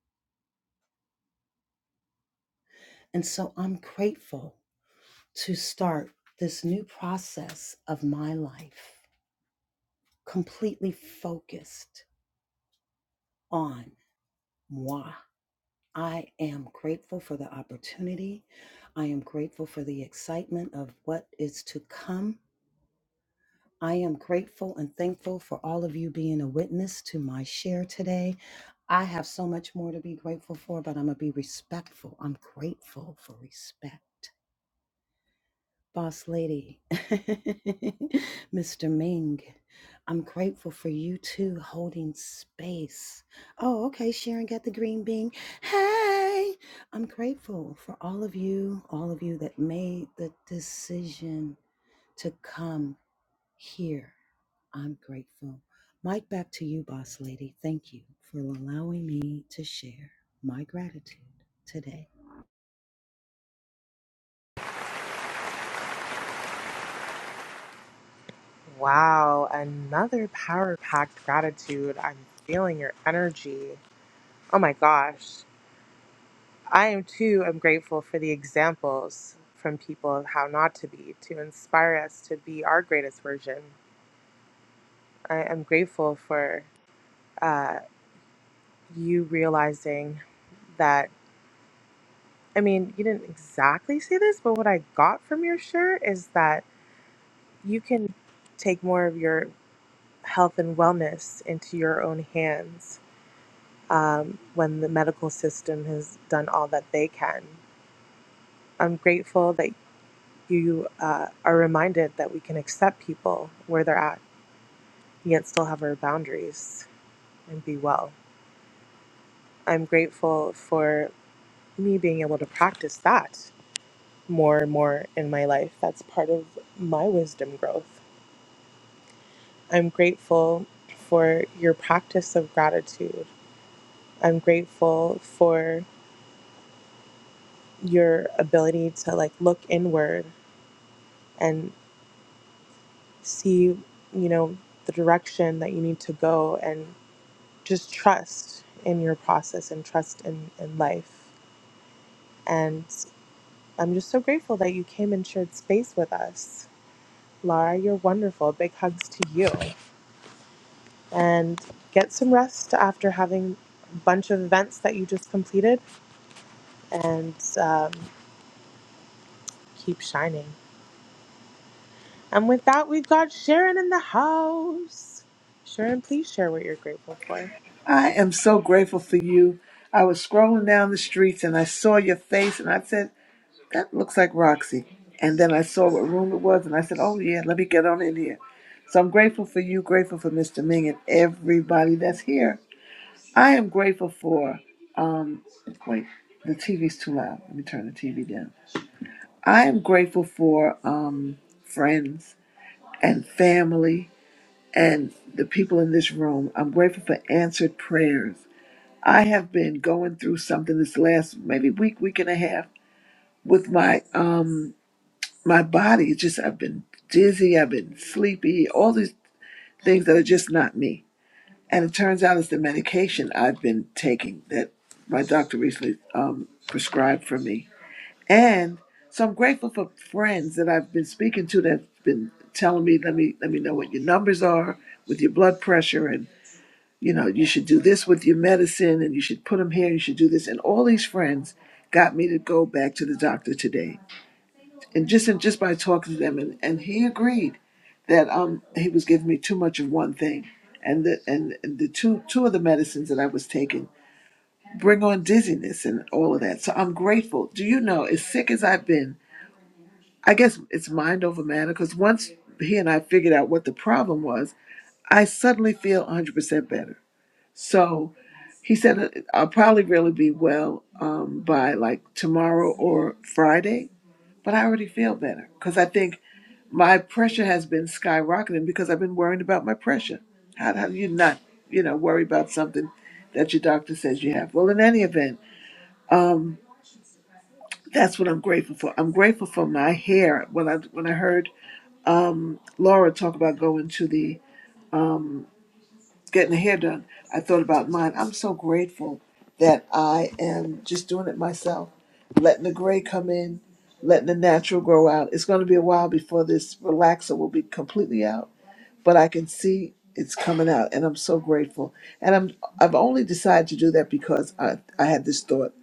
S9: And so I'm grateful to start this new process of my life completely focused on moi. I am grateful for the opportunity. I am grateful for the excitement of what is to come. I am grateful and thankful for all of you being a witness to my share today. I have so much more to be grateful for, but I'm going to be respectful. I'm grateful for respect. Boss lady, Mr. Ming, I'm grateful for you too holding space. Oh, okay. Sharon got the green bean. Hey, I'm grateful for all of you, all of you that made the decision to come here. I'm grateful. Mike, back to you, boss lady. Thank you for allowing me to share my gratitude today.
S1: Wow, another power packed gratitude. I'm feeling your energy. Oh my gosh. I am too am grateful for the examples from people of how not to be to inspire us to be our greatest version. I am grateful for uh, you realizing that I mean, you didn't exactly say this, but what I got from your shirt is that you can take more of your health and wellness into your own hands um, when the medical system has done all that they can. I'm grateful that you uh, are reminded that we can accept people where they're at, yet still have our boundaries and be well. I'm grateful for me being able to practice that more and more in my life. That's part of my wisdom growth. I'm grateful for your practice of gratitude I'm grateful for your ability to like look inward and see, you know, the direction that you need to go and just trust in your process and trust in, in life. And I'm just so grateful that you came and shared space with us. Lara. you're wonderful. Big hugs to you. And get some rest after having a bunch of events that you just completed and um, keep shining. And with that, we've got Sharon in the house. Sharon, please share what you're grateful for.
S10: I am so grateful for you. I was scrolling down the streets and I saw your face and I said, That looks like Roxy. And then I saw what room it was and I said, Oh, yeah, let me get on in here. So I'm grateful for you, grateful for Mr. Ming and everybody that's here. I am grateful for um, the TV's too loud. Let me turn the TV down. I am grateful for um, friends and family and the people in this room. I'm grateful for answered prayers. I have been going through something this last maybe week, week and a half with my um my body. It's just I've been dizzy, I've been sleepy, all these things that are just not me. And it turns out it's the medication I've been taking that my doctor recently um, prescribed for me. And so I'm grateful for friends that I've been speaking to that've been telling me, let me let me know what your numbers are with your blood pressure and you know, you should do this with your medicine and you should put them here, you should do this. And all these friends got me to go back to the doctor today. And just and just by talking to them and, and he agreed that um he was giving me too much of one thing. And the and and the two two of the medicines that I was taking bring on dizziness and all of that. So I'm grateful. Do you know, as sick as I've been, I guess it's mind over matter because once he and I figured out what the problem was, I suddenly feel 100% better. So He said, uh, I'll probably really be well um, by like tomorrow or Friday, but I already feel better because I think my pressure has been skyrocketing because I've been worrying about my pressure. How, how do you not, you know, worry about something that your doctor says you have? Well, in any event, that's what I'm grateful for. I'm grateful for my hair. When I when I heard Laura talk about going to the getting the hair done, I thought about mine. I'm so grateful that I am just doing it myself, letting the gray come in, letting the natural grow out. It's going to be a while before this relaxer will be completely out, but I can see it's coming out, and I'm so grateful. And I'm I've only decided to do that because I I had this thought.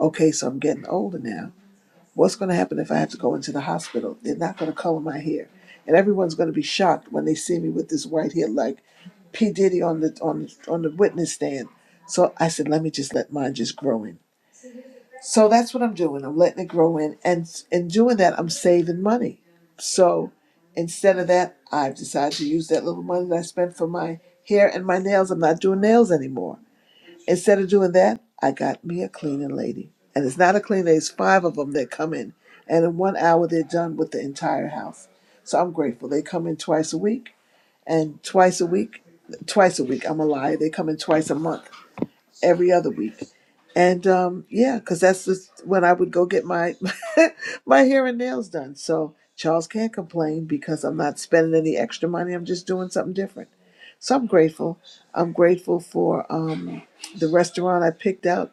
S10: Okay, so I'm getting older now What's going to happen if I have to go into the hospital? They're not going to color my hair, and everyone's going to be shocked when they see me with this white hair, like P Diddy on the on on the witness stand. So I said, let me just let mine just grow in. So that's what I'm doing. I'm letting it grow in, and in doing that, I'm saving money. So instead of that, I've decided to use that little money that I spent for my hair and my nails. I'm not doing nails anymore. Instead of doing that, I got me a cleaning lady. And it's not a cleaning lady, it's five of them that come in. And in one hour, they're done with the entire house. So I'm grateful. They come in twice a week, and twice a week, twice a week, I'm a liar. They come in twice a month, every other week. And um, yeah, because that's just when I would go get my, my hair and nails done. So Charles can't complain because I'm not spending any extra money. I'm just doing something different. So I'm grateful. I'm grateful for um, the restaurant I picked out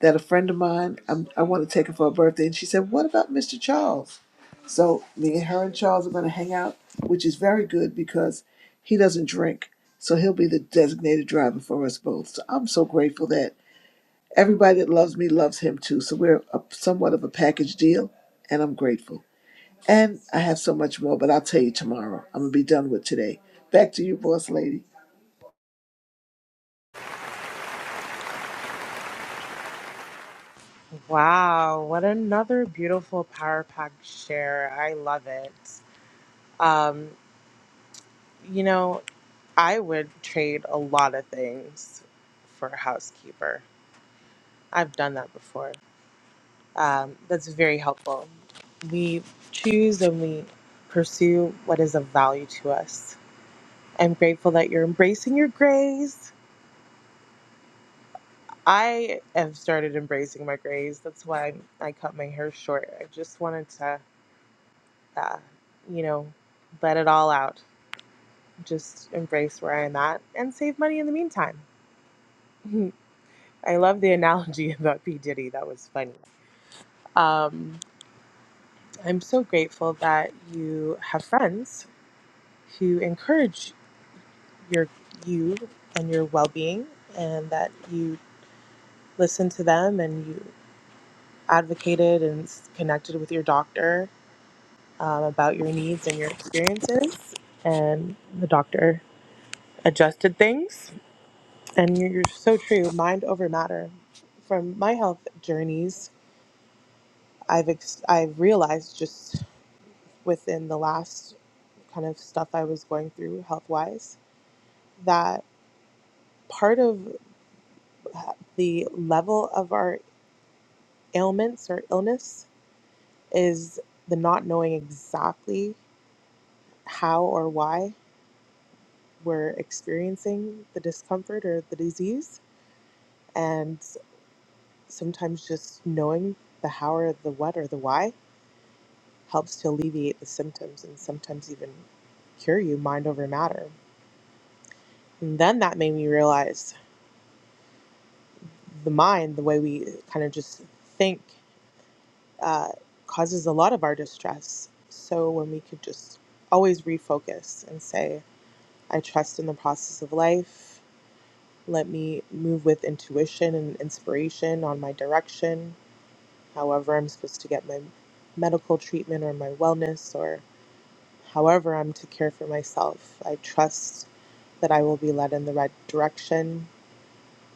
S10: that a friend of mine, I'm, I want to take her for her birthday. And she said, What about Mr. Charles? So me and her and Charles are going to hang out, which is very good because he doesn't drink. So he'll be the designated driver for us both. So I'm so grateful that everybody that loves me loves him too. So we're a, somewhat of a package deal, and I'm grateful. And I have so much more, but I'll tell you tomorrow. I'm going to be done with today. Back to you, boss lady.
S1: Wow, what another beautiful power pack share. I love it. Um, you know, I would trade a lot of things for a housekeeper. I've done that before. Um, that's very helpful. We choose and we pursue what is of value to us. I'm grateful that you're embracing your grays I have started embracing my grays. That's why I cut my hair short. I just wanted to, uh, you know, let it all out. Just embrace where I'm at and save money in the meantime. I love the analogy about P. Diddy. That was funny. Um, I'm so grateful that you have friends who encourage your you and your well-being, and that you listen to them and you advocated and connected with your doctor um, about your needs and your experiences. And the doctor adjusted things. And you're you're so true. Mind over matter. From my health journeys, I've ex- I've realized just within the last kind of stuff I was going through health wise that part of the level of our ailments or illness is the not knowing exactly how or why we're experiencing the discomfort or the disease And sometimes just knowing the how or the what or the why helps to alleviate the symptoms and sometimes even cure you mind over matter. And then that made me realize the mind, the way we kind of just think, uh, causes a lot of our distress. So when we could just always refocus and say, I trust in the process of life. Let me move with intuition and inspiration on my direction however I'm supposed to get my medical treatment or my wellness or however I'm to care for myself. I trust that I will be led in the right direction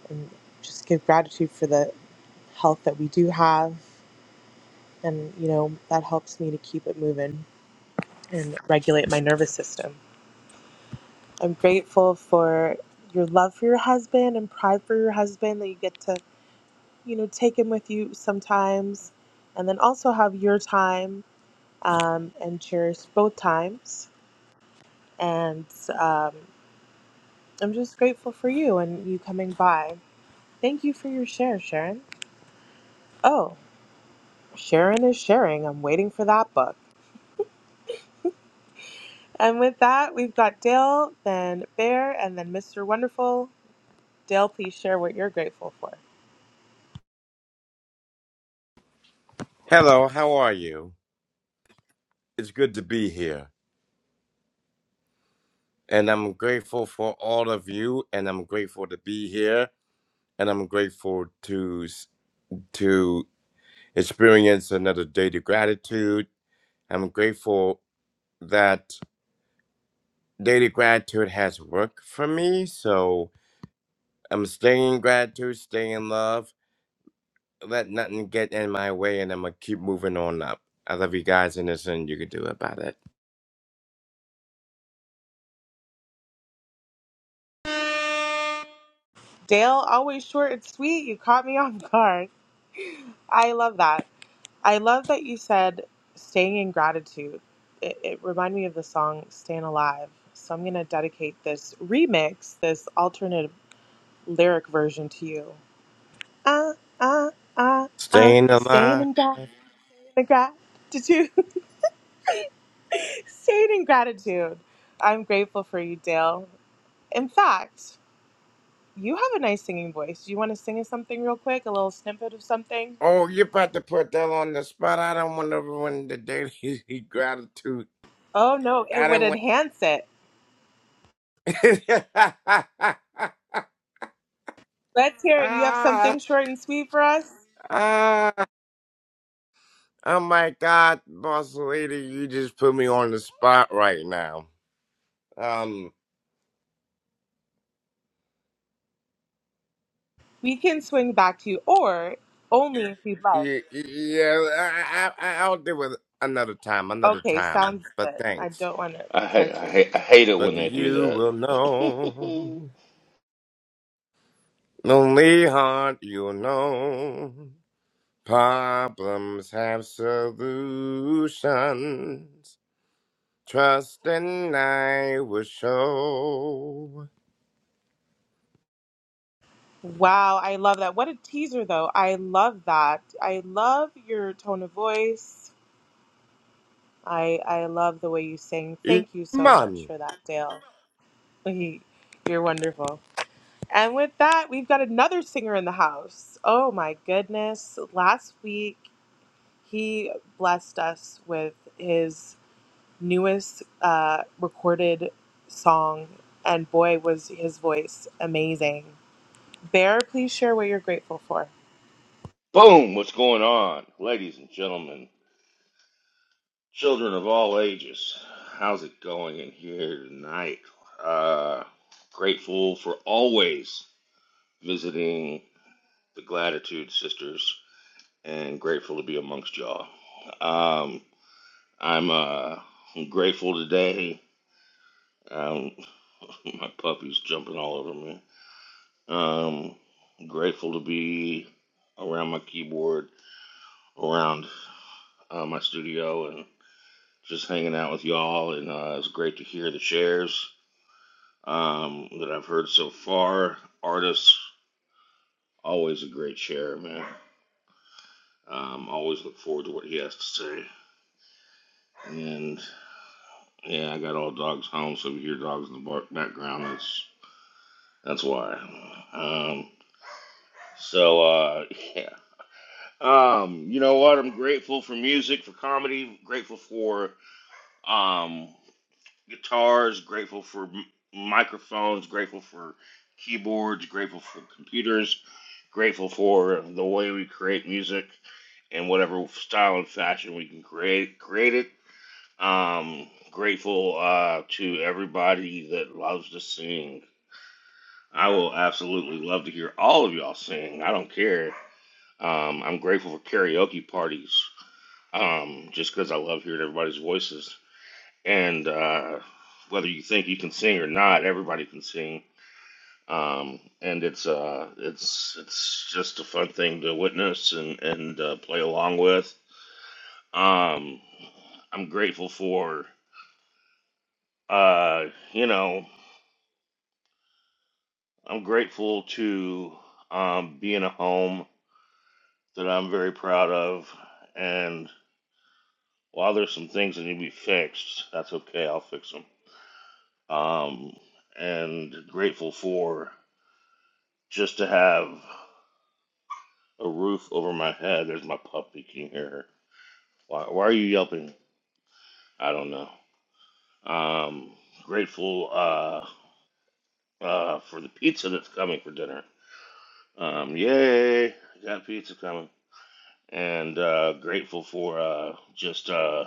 S1: and just give gratitude for the health that we do have. And, you know, that helps me to keep it moving and regulate my nervous system. I'm grateful for your love for your husband and pride for your husband that you get to, you know, take him with you sometimes and then also have your time um, and cheers both times. And um, I'm just grateful for you and you coming by. Thank you for your share, Sharon. Oh, Sharon is sharing. I'm waiting for that book. And with that, we've got Dale, then Bear, and then Mr. Wonderful. Dale, please share what you're grateful for.
S11: Hello, how are you? It's good to be here. And I'm grateful for all of you and I'm grateful to be here and I'm grateful to to experience another day of gratitude. I'm grateful that daily gratitude has worked for me, so I'm staying in gratitude, staying in love. Let nothing get in my way and I'm going to keep moving on up. I love you guys and there's nothing you can do about it.
S1: Dale, always short and sweet. You caught me off guard. I love that. I love that you said staying in gratitude. It, it reminded me of the song Staying Alive. So I'm going to dedicate this remix, this alternate lyric version to you. Uh, uh, uh, uh,
S11: Staying
S1: staying
S11: alive.
S1: in, gra- in gratitude. staying in gratitude. I'm grateful for you, Dale. In fact, you have a nice singing voice. Do you want to sing us something real quick? A little snippet of something?
S11: Oh, you're about to put that on the spot. I don't want everyone to daily gratitude.
S1: Oh, no,
S11: I
S1: it would
S11: don't want.
S1: enhance it. Let's hear it. You have
S11: ah,
S1: something short and sweet for us?
S11: ah. Oh my God, boss lady, you just put me on the spot right now. Um,
S1: We can swing back to you, or only if you'd like.
S11: yeah, yeah I, I, I- I'll do it another time, another
S1: Okay,
S11: time.
S1: sounds
S11: But
S1: good. I
S11: thanks.
S1: don't want to
S12: I hate,
S1: pressure
S12: I
S1: you.
S12: hate, I hate it when
S11: But
S12: they do
S11: you
S12: that.
S11: will know. Lonely heart, you'll know. Problems have solutions. Trust and I will show.
S1: Wow, I love that. What a teaser, though. I love that. I love your tone of voice. I I love the way you sing. Thank you so much
S11: Iman.
S1: for that, Dale. He, you're wonderful. And with that, we've got another singer in the house. Oh my goodness! Last week, he blessed us with his. newest uh, recorded song, and boy, was his voice amazing. Bear, please share what you're grateful for.
S12: Boom! What's going on, ladies and gentlemen, children of all ages? How's it going in here tonight? Uh, grateful for always visiting the Gratitude Sisters, and grateful to be amongst y'all. Um, I'm uh, I'm grateful today. Um, my puppy's jumping all over me. Um, grateful to be around my keyboard around uh, my studio and just hanging out with y'all. And uh, it's great to hear the shares um, that I've heard so far. Artists, always a great share, man. Um, always look forward to what he has to say. And yeah, I got all dogs home, so if you hear dogs in the bar- background, that's that's why. Um, so uh, yeah. Um, you know what? I'm grateful for music, for comedy, grateful for um guitars, grateful for m- microphones, grateful for keyboards, grateful for computers, grateful for the way we create music in whatever style and fashion we can create create it. Um, grateful uh, to everybody that loves to sing. I will absolutely love to hear all of y'all sing. I don't care. Um, I'm grateful for karaoke parties. Um, just because I love hearing everybody's voices and uh, whether you think you can sing or not, everybody can sing. Um, and it's uh, it's it's just a fun thing to witness and and uh, play along with. Um, I'm grateful for uh, you know I'm grateful to um, be in a home that I'm very proud of. And while there's some things that need to be fixed, that's okay. I'll fix them. Um, and grateful for just to have a roof over my head. There's my puppy. Can you hear her? Why, why are you yelping? I don't know. Um, grateful uh, uh, for the pizza that's coming for dinner. Um, yay! Got pizza coming. And uh, grateful for uh, just uh,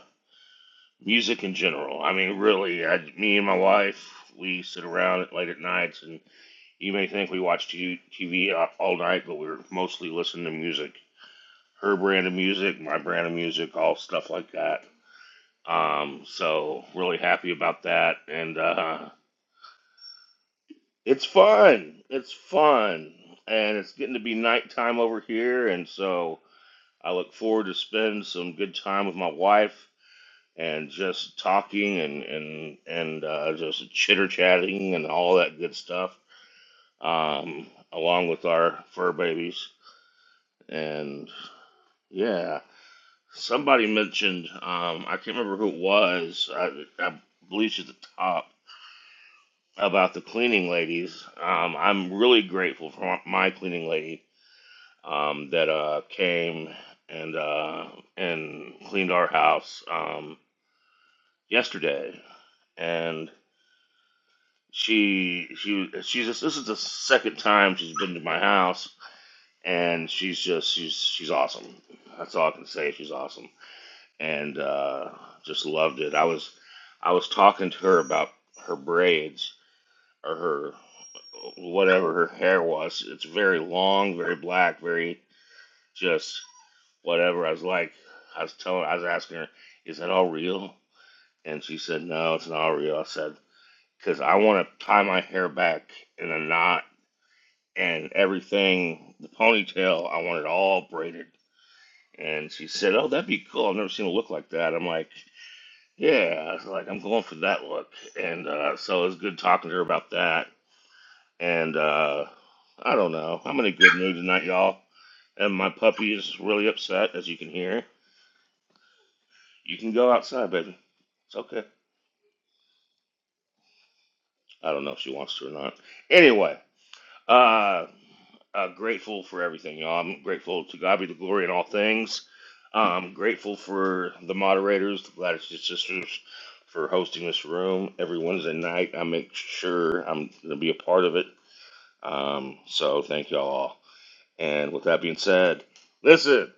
S12: music in general. I mean, really, I, me and my wife, we sit around at late at nights, and you may think we watch TV all night, but we're mostly listening to music. Her brand of music, my brand of music, all stuff like that Um, so really happy about that, and uh, it's fun. It's fun, and it's getting to be nighttime over here, and so I look forward to spend some good time with my wife and just talking and and and uh, just chitter chatting and all that good stuff, um, along with our fur babies. And yeah, somebody mentioned um, I can't remember who it was. I, I believe she's at the top about the cleaning ladies. Um, I'm really grateful for my cleaning lady um, that uh, came and uh, and cleaned our house um, yesterday. And she she she's just, this is the second time she's been to my house, and she's just she's she's awesome. That's all I can say. She's awesome, and uh, just loved it. I was I was talking to her about her braids or her whatever her hair was. It's very long, very black, very just whatever. I was like, I was telling, I was asking her, is that all real? And she said, no, it's not all real. I said, because I want to tie my hair back in a knot and everything, the ponytail, I want it all braided. And she said, oh, that'd be cool. I've never seen a look like that. I'm like, yeah, I was like, I'm going for that look. And uh, so it was good talking to her about that And uh, I don't know. I'm in a good mood tonight, y'all. And my puppy is really upset, as you can hear. You can go outside, baby. It's okay. I don't know if she wants to or not. Anyway, uh, uh, grateful for everything, y'all. I'm grateful to God be the glory in all things. I'm grateful for the moderators, the Gladys Sisters, for hosting this room every Wednesday night. I make sure I'm going to be a part of it. Um, so thank y'all all. And with that being said, listen.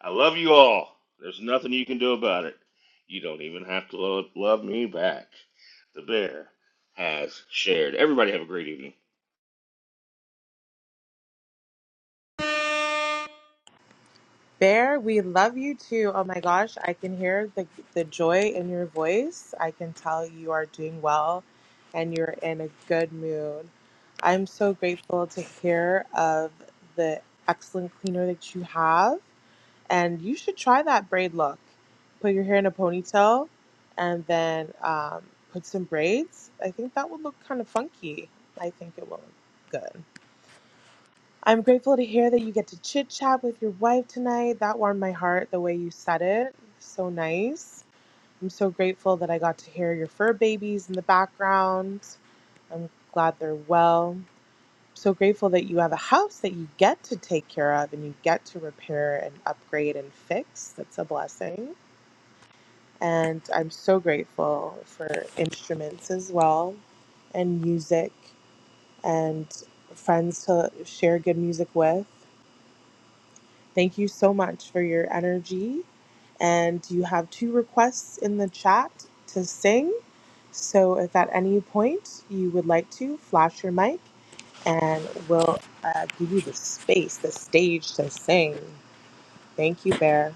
S12: I love you all. There's nothing you can do about it. You don't even have to love, love me back. The bear has shared. Everybody have a great evening.
S1: Bear, we love you too. Oh my gosh, I can hear the, the joy in your voice. I can tell you are doing well and you're in a good mood. I'm so grateful to hear of the excellent cleaner that you have. and you should try that braid look. Put your hair in a ponytail and then um, put some braids. I think that would look kind of funky. I think it will look good. I'm grateful to hear that you get to chit chat with your wife tonight. That warmed my heart the way you said it. So nice. I'm so grateful that I got to hear your fur babies in the background. I'm glad they're well so grateful that you have a house that you get to take care of and you get to repair and upgrade and fix. That's a blessing. And I'm so grateful for instruments as well and music and friends to share good music with. Thank you so much for your energy. And you have two requests in the chat to sing. So if at any point you would like to flash your mic and will uh, give you the space, the stage to sing. Thank you, Bear.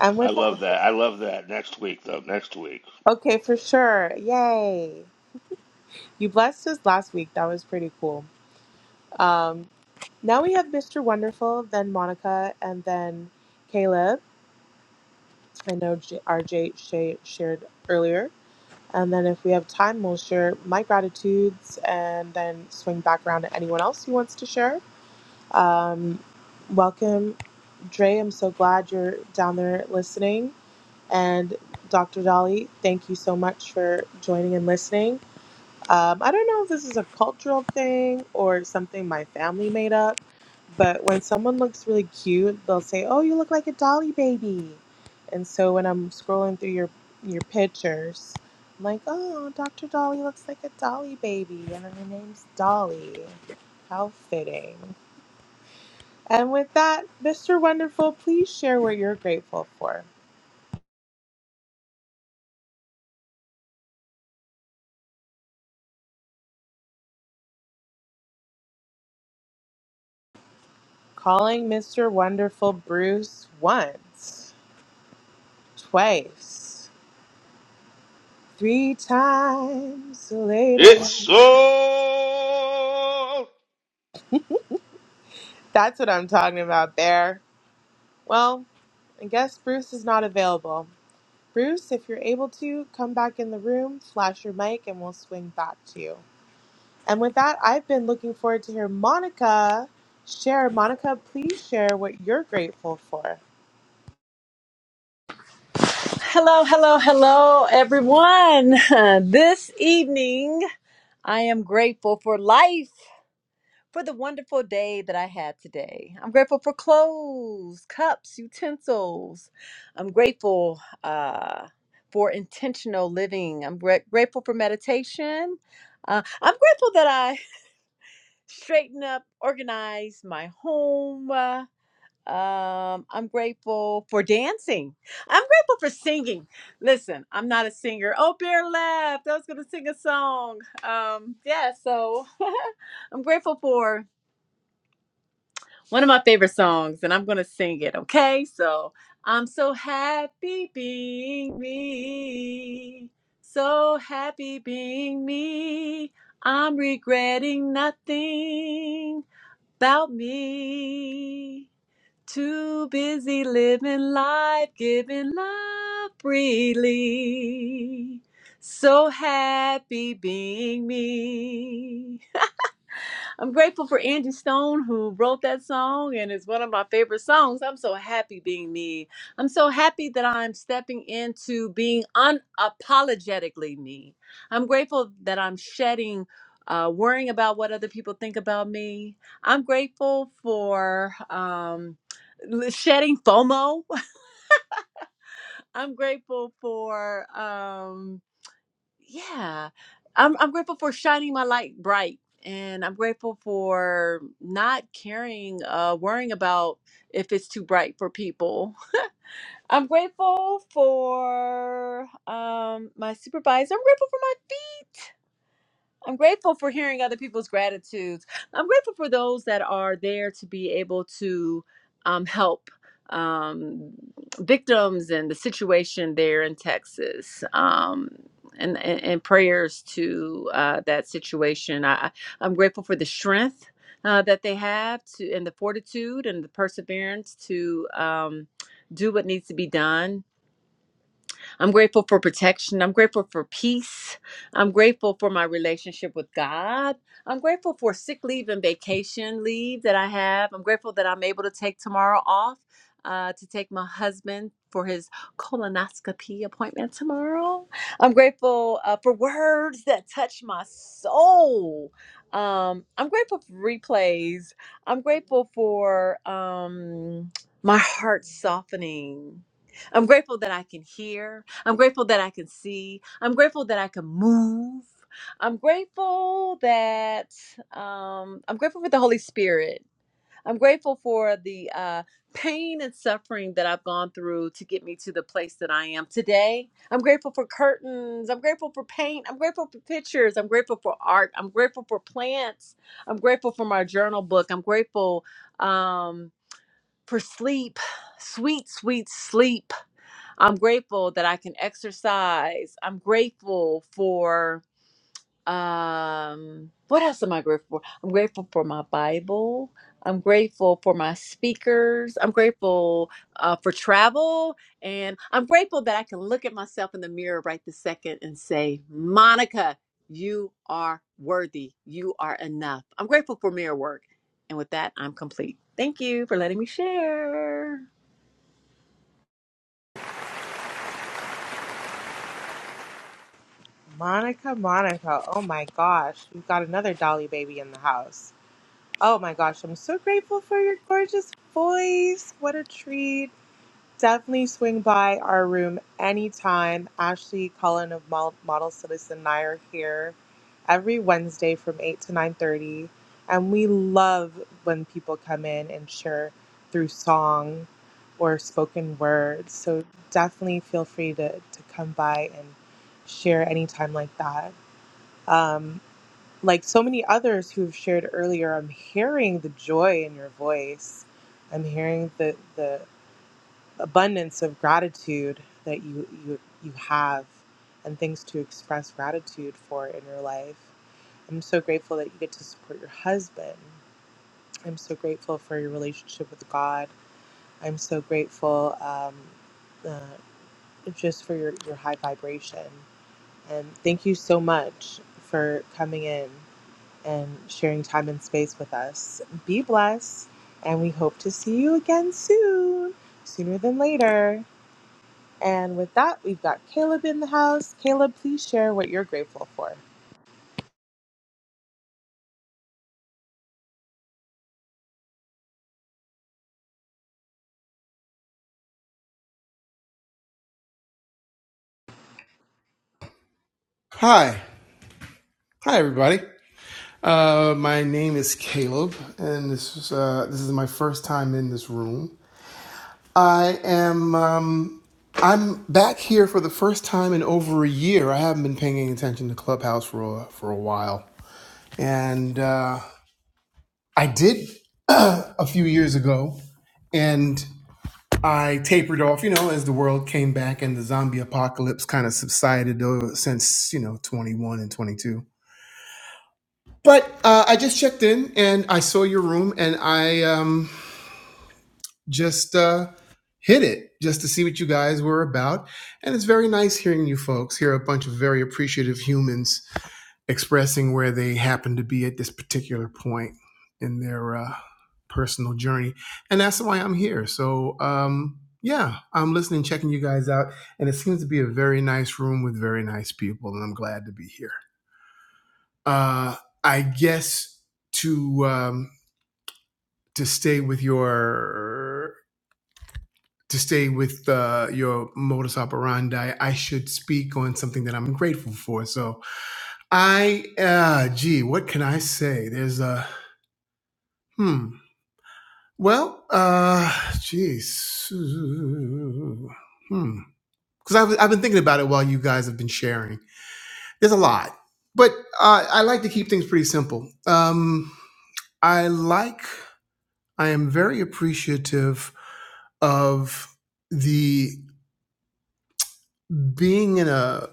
S1: I'm
S12: I
S1: with that,
S12: love that. I love that. Next week, though. Next week.
S1: okay, for sure. Yay. You blessed us last week. That was pretty cool. Um, now we have Mr. Wonderful, then Monica, and then Caleb. I know J- RJ sha- shared earlier. And then if we have time, we'll share my gratitudes and then swing back around to anyone else who wants to share. Um, welcome, Dre. I'm so glad you're down there listening. And Dr. Dolly, thank you so much for joining and listening. Um, I don't know if this is a cultural thing or something my family made up, but when someone looks really cute, they'll say, "Oh, you look like a Dolly baby." And so when I'm scrolling through your your pictures, I'm like, "Oh, Dr. Dolly looks like a Dolly baby, and her name's Dolly." How fitting. And with that, Mr. Wonderful, please share what you're grateful for. Calling Mr. Wonderful Bruce once, twice, three times
S12: It's
S1: later.
S12: so
S1: That's what I'm talking about there. Well, I guess Bruce is not available. Bruce, if you're able to, come back in the room, flash your mic, and we'll swing back to you. And with that, I've been looking forward to hear Monica share. Monica, please share what you're grateful for.
S13: Hello, hello, hello, everyone. This evening, I am grateful for life, for the wonderful day that I had today. I'm grateful for clothes, cups, utensils. I'm grateful uh, for intentional living. I'm gra- grateful for meditation. Uh, I'm grateful that I straighten up, organize my home. uh, um, I'm grateful for dancing. I'm grateful for singing. Listen, I'm not a singer. Oh, Bear left. I was going to sing a song. Um, yeah, so I'm grateful for one of my favorite songs, and I'm going to sing it. Okay, so I'm so happy being me. So happy being me. I'm regretting nothing about me. Too busy living life, giving love freely. So happy being me. I'm grateful for Angie Stone who wrote that song and it's one of my favorite songs. I'm so happy being me. I'm so happy that I'm stepping into being unapologetically me. I'm grateful that I'm shedding uh, worrying about what other people think about me. I'm grateful for um, l- shedding FOMO. I'm grateful for Um, yeah i'm i'm grateful for shining my light bright and i'm grateful for not caring uh worrying about if it's too bright for people i'm grateful for um my supervisor i'm grateful for my feet I'm grateful for hearing other people's gratitudes. I'm grateful for those that are there to be able to um, help um, victims and the situation there in Texas. Um, and, and, and prayers to uh, that situation. I, I- I'm grateful for the strength uh, that they have to, and the fortitude and the perseverance to um, do what needs to be done I'm grateful for protection. I'm grateful for peace. I'm grateful for my relationship with God. I'm grateful for sick leave and vacation leave that I have. I'm grateful that I'm able to take tomorrow off uh, to take my husband for his colonoscopy appointment tomorrow. I'm grateful uh, for words that touch my soul. Um, I'm grateful for replays. I'm grateful for um, my heart softening. I'm grateful that I can hear. I'm grateful that I can see. I'm grateful that I can move. I'm grateful that um, I'm grateful for the Holy Spirit. I'm grateful for the uh, pain and suffering that I've gone through to get me to the place that I am today. I'm grateful for curtains. I'm grateful for paint. I'm grateful for pictures. I'm grateful for art. I'm grateful for plants. I'm grateful for my journal book. I'm grateful um, for sleep, sweet, sweet sleep. I'm grateful that I can exercise. I'm grateful for um what else am I grateful for? I'm grateful for my Bible. I'm grateful for my speakers. I'm grateful uh, for travel. And I'm grateful that I can look at myself in the mirror right this second and say, Monica, you are worthy. You are enough. I'm grateful for mirror work. And with that, I'm complete. Thank you for letting me share.
S1: Monica, Monica, oh my gosh, we've got another Dolly baby in the house. Oh my gosh, I'm so grateful for your gorgeous voice. What a treat. Definitely swing by our room anytime. Ashley Cullen of Mo- Model Citizen and I are here every Wednesday from 8 to 9.30. And we love when people come in and share through song or spoken words. So definitely feel free to, to come by and share anytime like that um, like so many others who've shared earlier, I'm hearing the joy in your voice. I'm hearing the the abundance of gratitude that you you you have, and things to express gratitude for in your life. I'm so grateful that you get to support your husband. I'm so grateful for your relationship with God. I'm so grateful um, uh, just for your, your high vibration. And thank you so much for coming in. and sharing time and space with us. Be blessed, and we hope to see you again soon, sooner than later. And with that, we've got Caleb in the house. Caleb, please share what you're grateful for. Oh
S14: Hi, hi everybody. Uh, my name is Caleb, and this is uh, this is my first time in this room. I am um, I'm back here for the first time in over a year. I haven't been paying any attention to Clubhouse for a, for a while, and uh, I did a few years ago, and I tapered off. You know, as the world came back and the zombie apocalypse kind of subsided uh, since you know 21 and 22. But uh, I just checked in and I saw your room and I um, just uh, hit it just to see what you guys were about. And it's very nice hearing you folks, hear a bunch of very appreciative humans expressing where they happen to be at this particular point in their uh, personal journey. And that's why I'm here. So, um, yeah, I'm listening, checking you guys out. And it seems to be a very nice room with very nice people. And I'm glad to be here. Uh, I guess to. Um, to stay with your to stay with uh, your modus operandi, I should speak on something that I'm grateful for. So I, uh, gee, what can I say? There's a hmm. Well, uh, geez, hmm. Because I've I've been thinking about it while you guys have been sharing. There's a lot, but uh, I like to keep things pretty simple. Um, I like. I am very appreciative of the being in a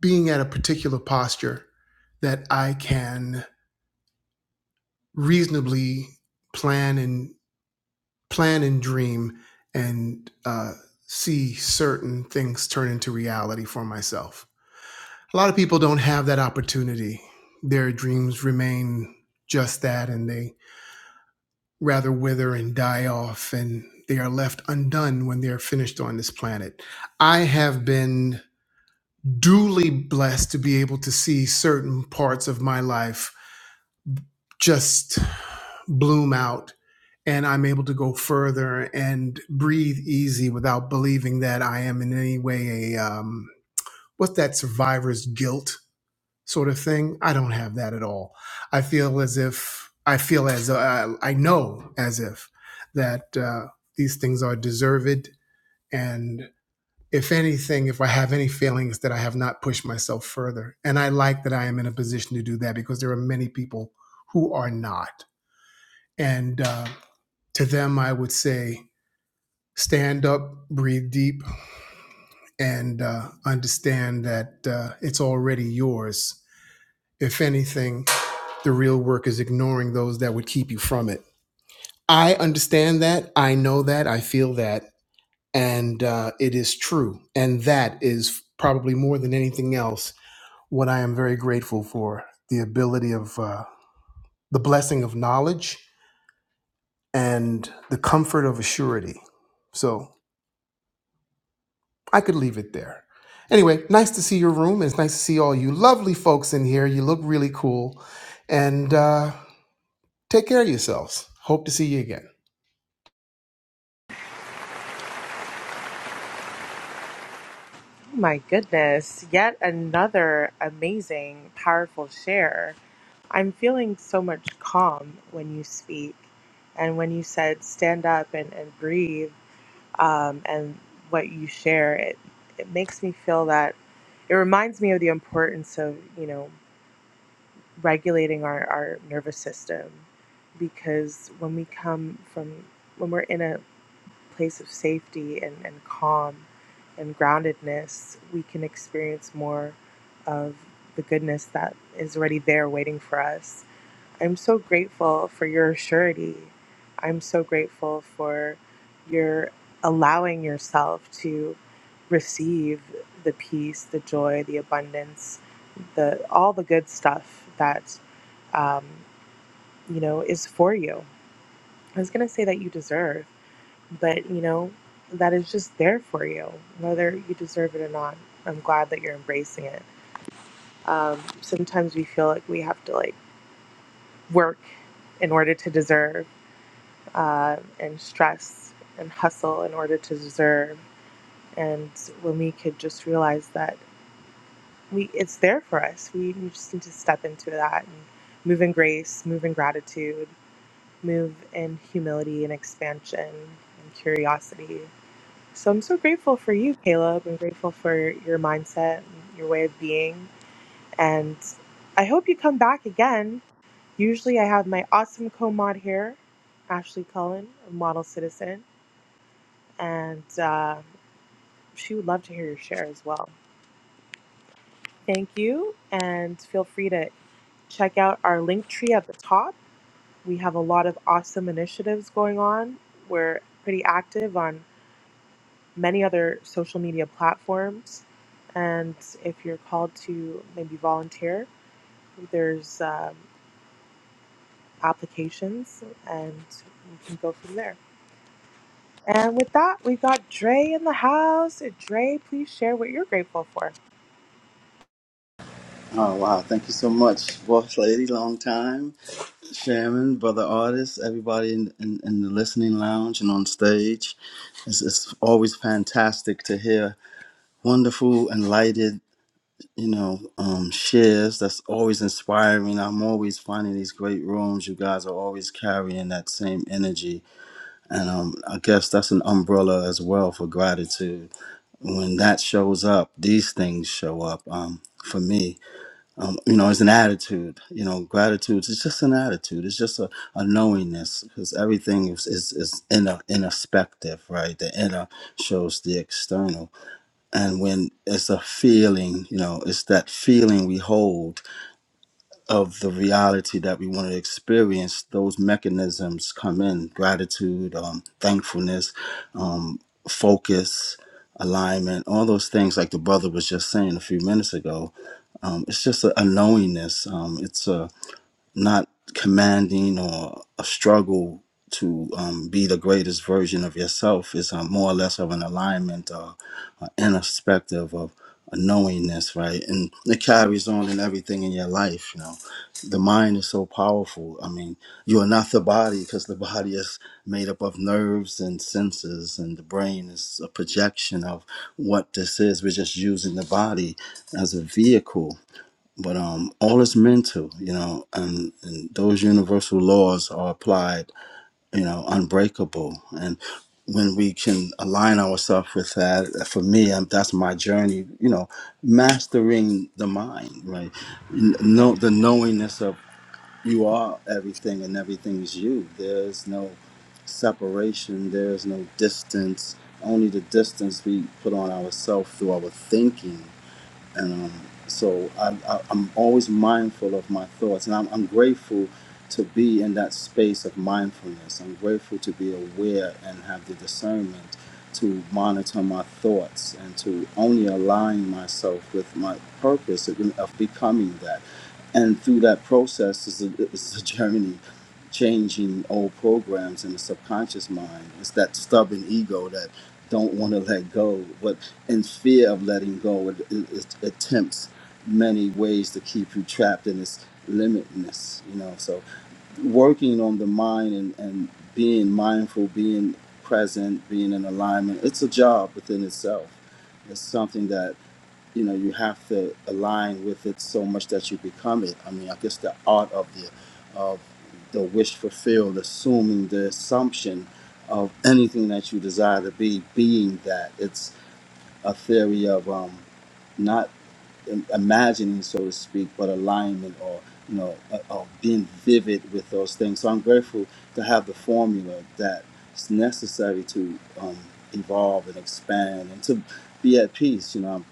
S14: being at a particular posture that I can reasonably plan and plan and dream and uh, see certain things turn into reality for myself. A lot of people don't have that opportunity. Their dreams remain just that, and they rather wither and die off, and they are left undone when they are finished on this planet. I have been duly blessed to be able to see certain parts of my life just bloom out and I'm able to go further and breathe easy without believing that I am in any way a um, what's that survivor's guilt sort of thing. I don't have that at all. I feel as if I feel as uh, I know as if that uh, these things are deserved and if anything, if I have any feelings that I have not pushed myself further. And I like that I am in a position to do that because there are many people who are not. And uh, to them, I would say, stand up, breathe deep, and uh, understand that uh, it's already yours. If anything, the real work is ignoring those that would keep you from it. I understand that. I know that. I feel that. And uh, it is true. And that is probably more than anything else what I am very grateful for the ability of uh, the blessing of knowledge and the comfort of a So I could leave it there. Anyway, nice to see your room. It's nice to see all you lovely folks in here. You look really cool. And uh, take care of yourselves. Hope to see you again.
S1: my goodness, yet another amazing, powerful share. I'm feeling so much calm when you speak and when you said stand up and, and breathe. um, and what you share it it makes me feel that it reminds me of the importance of you know regulating our, our nervous system because when we come from when we're in a place of safety and, and calm and groundedness we can experience more of the goodness that is already there waiting for us I'm so grateful for your surety. I'm so grateful for your allowing yourself to receive the peace, the joy, the abundance, the all the good stuff that um, you know is for you. I was gonna say that you deserve, but you know that is just there for you, whether you deserve it or not. I'm glad that you're embracing it. Um, sometimes we feel like we have to like work in order to deserve uh, and stress and hustle in order to deserve. And when we could just realize that we it's there for us, we, we just need to step into that and move in grace, move in gratitude, move in humility and expansion and curiosity. So I'm so grateful for you, Caleb. I'm grateful for your mindset, and your way of being, and I hope you come back again. Usually, I have my awesome co-mod here, Ashley Cullen, a model citizen, and uh, she would love to hear your share as well. Thank you, and feel free to check out our link tree at the top. We have a lot of awesome initiatives going on. We're pretty active on many other social media platforms, and if you're called to maybe volunteer, there's um, applications, and we can go from there. And with that, we've got Dre in the house. Dre, please share what you're grateful for.
S15: Oh wow! Thank you so much, boss lady. Long time, Sharon, brother artist, everybody in, in, in the listening lounge and on stage. It's, it's always fantastic to hear wonderful, enlightened, you know, um, shares. That's always inspiring. I'm always finding these great rooms. You guys are always carrying that same energy, and um, I guess that's an umbrella as well for gratitude. When that shows up, these things show up. Um, for me, um, you know, it's an attitude. You know, gratitude is just an attitude. It's just a, a knowingness because everything is, is, is inner, introspective, right? The inner shows the external. And when it's a feeling, you know, it's that feeling we hold of the reality that we want to experience, those mechanisms come in gratitude, um, thankfulness, um, focus, alignment, all those things, like the brother was just saying a few minutes ago. Um, it's just a, a knowingness. Um, it's a not commanding or a struggle to um, be the greatest version of yourself is uh, more or less of an alignment or an introspective of a knowingness, right? And it carries on in everything in your life, you know. The mind is so powerful. I mean, you are not the body because the body is made up of nerves and senses, and the brain is a projection of what this is. We're just using the body as a vehicle but um, all is mental, you know, and, and those universal laws are applied, you know, unbreakable. And when we can align ourselves with that, for me, um, that's my journey, you know, mastering the mind, right? N- Know the knowingness of you are everything and everything is you. There's no separation. There's no distance. Only the distance we put on ourselves through our thinking and um, so I, I, I'm always mindful of my thoughts, and I'm, I'm grateful to be in that space of mindfulness. I'm grateful to be aware and have the discernment to monitor my thoughts and to only align myself with my purpose of, of becoming that. And through that process is a, is a journey changing old programs in the subconscious mind. It's that stubborn ego that don't want to let go. But and fear of letting go. It, it, it attempts many ways to keep you trapped in its limitness, you know. So, working on the mind and, and being mindful, being present, being in alignment, it's a job within itself. It's something that, you know, you have to align with it so much that you become it. I mean, I guess the art of the, of the wish fulfilled, assuming the assumption of anything that you desire to be, being that a theory of um, not im- imagining, so to speak, but alignment or you know uh, of being vivid with those things. So I'm grateful to have the formula that's necessary to um, evolve and expand and to be at peace. You know,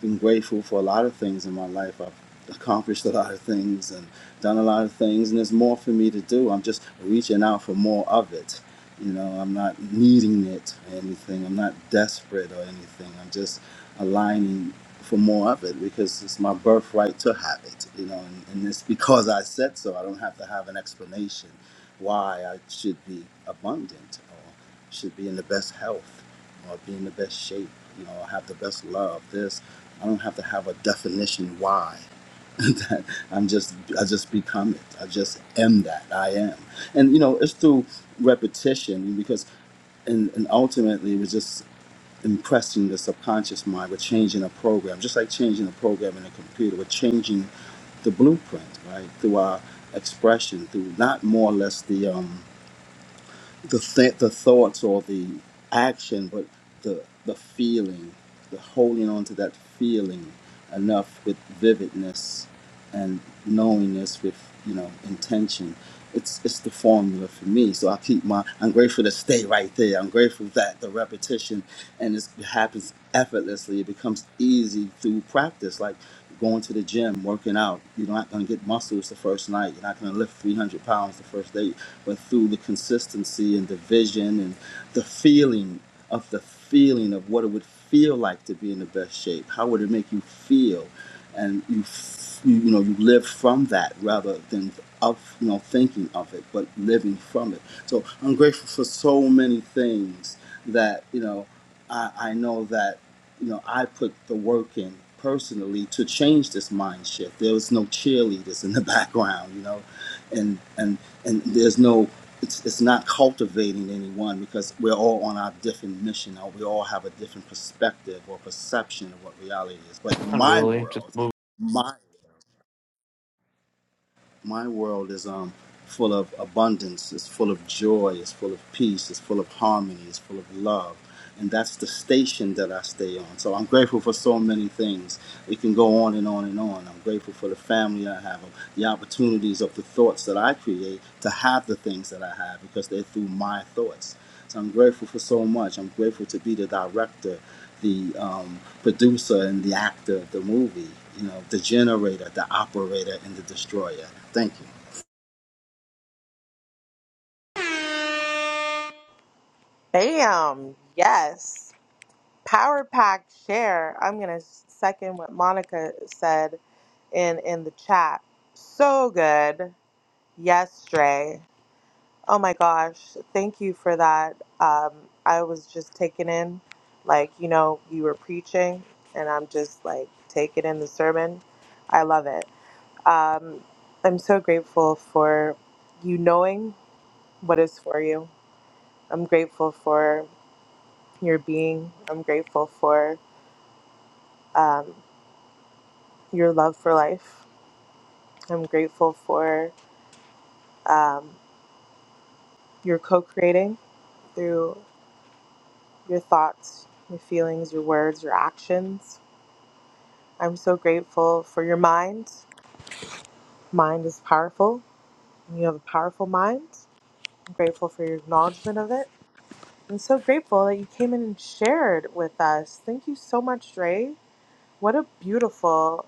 S15: been grateful for a lot of things in my life. I've accomplished a lot of things and done a lot of things, and there's more for me to do. I'm just reaching out for more of it. You know, I'm not needing it or anything. I'm not desperate or anything. I'm just aligning for more of it because it's my birthright to have it. You know, and, and it's because I said so. I don't have to have an explanation why I should be abundant or should be in the best health or be in the best shape. You know, or have the best love. This I don't have to have a definition why. That I'm just I just become it. I just am that. I am. And you know, it's through repetition because and, and ultimately it was just impressing the subconscious mind with changing a program, just like changing a program in a computer, with changing the blueprint, right? Through our expression, through not more or less the um the th- the thoughts or the action, but the the feeling, the holding on to that feeling enough with vividness and knowingness with you know intention. It's it's the formula for me. So I keep my. I'm grateful to stay right there. I'm grateful that the repetition and it's- it happens effortlessly. It becomes easy through practice, like going to the gym, working out. You're not going to get muscles the first night. You're not going to lift 300 pounds the first day, but through the consistency and the vision and the feeling of the feeling of what it would feel like to be in the best shape. How would it make you feel? And you, f- you you know, you live from that rather than of you know thinking of it, but living from it. So I'm grateful for so many things that you know. I, I know that you know I put the work in personally to change this mind shift. There was no cheerleaders in the background, you know, and and and there's no it's, it's not cultivating anyone because we're all on our different mission or we all have a different perspective or perception of what reality is. But in
S16: Not
S15: my
S16: really. Just
S15: world,
S16: move.
S15: my my world is um full of abundance it's full of joy it's full of peace it's full of harmony it's full of love and that's the station that i stay on so i'm grateful for so many things it can go on and on and on i'm grateful for the family i have the opportunities of the thoughts that i create to have the things that i have because they're through my thoughts so I'm grateful for so much. I'm grateful to be the director, the um, producer, and the actor of the movie. You know, the generator, the operator, and the destroyer. Thank you.
S1: Damn. Yes. Power pack share. I'm going to second what Monica said in in the chat. So good. Yes, Dre. Oh my gosh. Thank you for that. Um, I was just taken in. Like, you know, you were preaching, and I'm just like taking in the sermon. I love it. Um, I'm so grateful for you knowing what is for you. I'm grateful for your being. I'm grateful for um, your love for life. I'm grateful for um, your co creating through your thoughts, your feelings, your words, your actions. I'm so grateful for your mind. Mind is powerful, and you have a powerful mind. I'm grateful for your acknowledgement of it. I'm so grateful that you came in and shared with us. Thank you so much, Dre. What a beautiful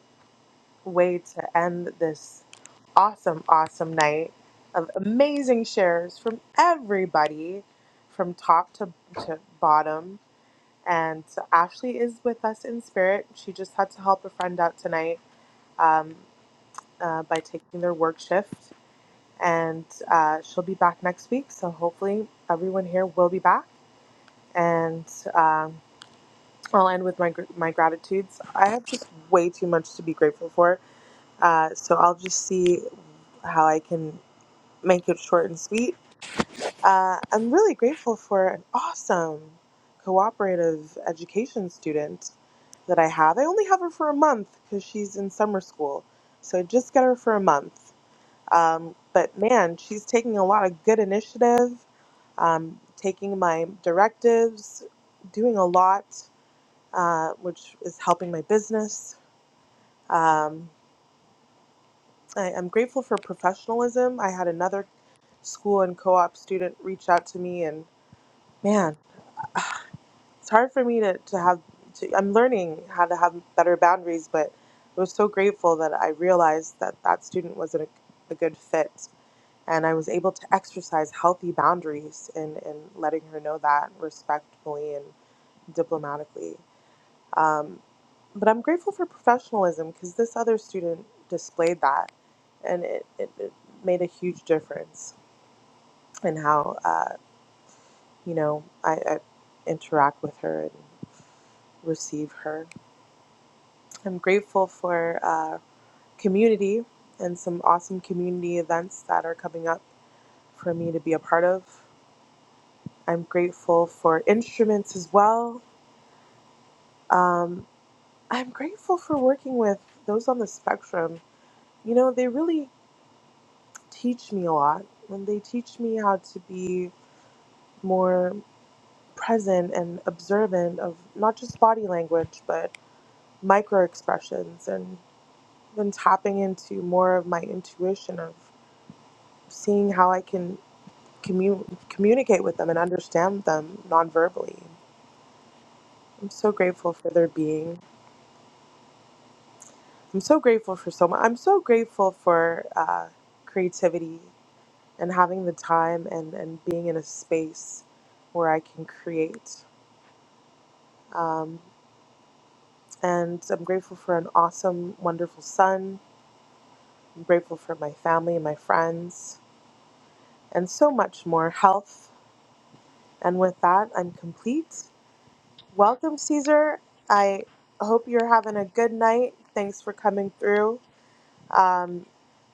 S1: way to end this awesome, awesome night of amazing shares from everybody, from top to, to bottom. And Ashley is with us in spirit. She just had to help a friend out tonight um, uh, by taking their work shift. And uh, she'll be back next week. So hopefully, everyone here will be back. And um, I'll end with my, gr- my gratitudes. I have just way too much to be grateful for Uh, so I'll just see how I can make it short and sweet. Uh, I'm really grateful for an awesome cooperative education student that I have. I only have her for a month because she's in summer school. So I just got her for a month. Um, but man, she's taking a lot of good initiative, um, taking my directives, doing a lot, uh, which is helping my business. Um, I, I'm grateful for professionalism. I had another school and co-op student reached out to me and man it's hard for me to, to have to i'm learning how to have better boundaries but i was so grateful that i realized that that student wasn't a, a good fit and i was able to exercise healthy boundaries in, in letting her know that respectfully and diplomatically um, but i'm grateful for professionalism because this other student displayed that and it, it, it made a huge difference in how uh, you know, I, I interact with her and receive her. I'm grateful for uh, community and some awesome community events that are coming up for me to be a part of. I'm grateful for instruments as well. Um, I'm grateful for working with those on the spectrum. You know, they really teach me a lot and they teach me how to be more present and observant of not just body language, but micro expressions and. been tapping into more of my intuition of seeing how I can commu- communicate with them and understand them nonverbally. I'm so grateful for their being. I'm so grateful for so much. I'm so grateful for uh, creativity and having the time and, and being in a space where I can create. Um, and I'm grateful for an awesome, wonderful son. I'm grateful for my family and my friends and so much more health. And with that, I'm complete. Welcome, Caesar. I hope you're having a good night. Thanks for coming through. Um,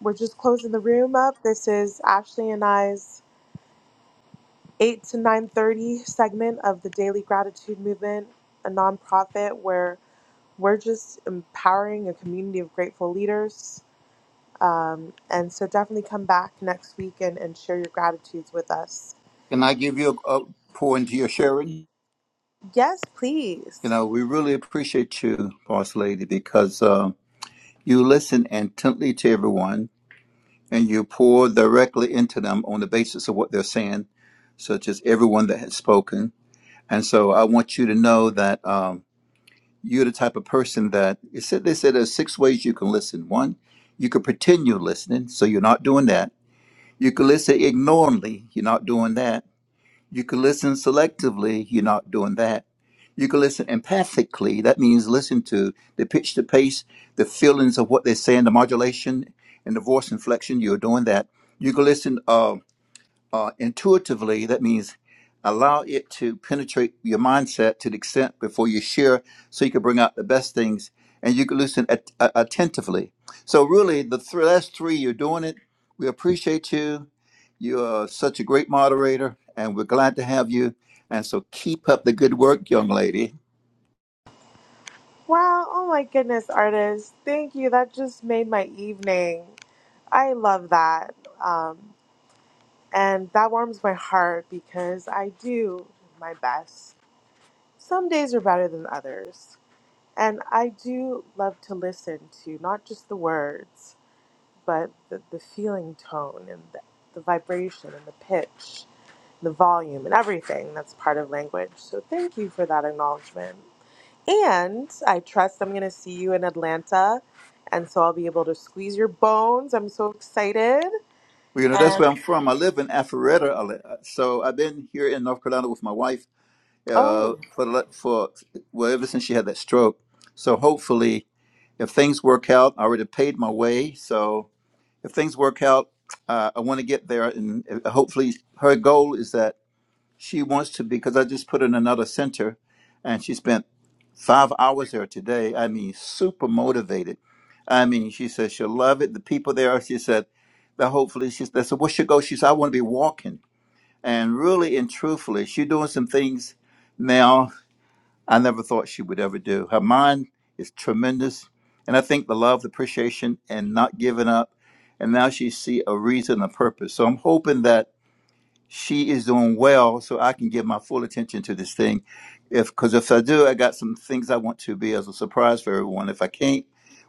S1: we're just closing the room up. This is Ashley and I's eight to nine thirty segment of the Daily Gratitude Movement, a nonprofit where we're just empowering a community of grateful leaders. Um, and so definitely come back next week and, and share your gratitudes with us.
S7: Can I give you a, a pour into your sharing?
S1: Yes, please.
S7: You know, we really appreciate you, boss lady, because uh, you listen intently to everyone and you pour directly into them on the basis of what they're saying, such as everyone that has spoken. And so I want you to know that um, you're the type of person that it said they said there's six ways you can listen. One, you could pretend you're listening, so you're not doing that. You could listen ignorantly, you're not doing that. You could listen selectively, you're not doing that. You could listen empathically, that means listen to the pitch, the pace, the feelings of what they're saying, the modulation and the voice inflection, you're doing that. You could listen um, uh, intuitively. That means allow it to penetrate your mindset to the extent before you share, so you can bring out the best things, and you can listen at, uh, attentively. So really, the th- last three, you're doing it. We appreciate you. You are such a great moderator, and we're glad to have you. And so keep up the good work, young lady.
S1: Wow, oh my goodness, artist. Thank you. That just made my evening. I love that. Um, and that warms my heart because I do my best. Some days are better than others. And I do love to listen to not just the words, but the, the feeling tone and the, the vibration and the pitch, the volume and everything that's part of language. So thank you for that acknowledgement. And I trust I'm going to see you in Atlanta. And so I'll be able to squeeze your bones. I'm so excited.
S7: Well, You know, that's
S1: And
S7: where I'm from. I live in Alpharetta, Ale- so I've been here in North Carolina with my wife uh,
S1: oh,
S7: for the la- for well ever since she had that stroke. So hopefully If things work out, I already paid my way. So if things work out, uh, I want to get there. And uh, hopefully, her goal is that she wants to, because I just put her in another center and she spent five hours there today. I mean, super motivated. I mean, she says she'll love it. The people there, she said, that hopefully she they said, so What's your goal? She said, I want to be walking. And really and truthfully, she's doing some things now. I never thought she would ever do. Her mind is tremendous, and I think the love, the appreciation, and not giving up, and now she see a reason, a purpose. So I'm hoping that she is doing well, so I can give my full attention to this thing. If because if I do, I got some things I want to be as a surprise for everyone. If I can't,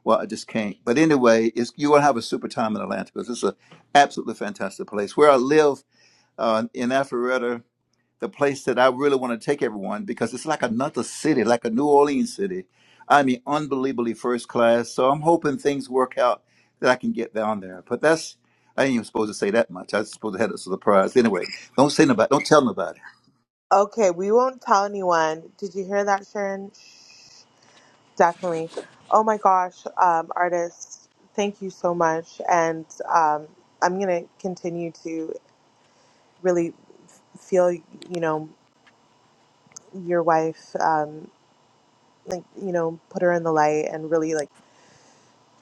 S7: well, I just can't. But anyway, it's, you're gonna have a super time in Atlanta because it's an absolutely fantastic place. Where I live uh, in Alpharetta, the place that I really want to take everyone because it's like another city, like a New Orleans city. I mean, unbelievably first class. So I'm hoping things work out that I can get down there. But that's I ain't even supposed to say that much. I was supposed to have it as a surprise. Anyway, don't say nobody. Don't tell nobody.
S1: okay. We won't tell anyone. Did you hear that, Sharon? Shh, Definitely. Oh my gosh, um, artists, thank you so much. And um, I'm going to continue to really f- feel, you know, your wife, um, like, you know, put her in the light and really like.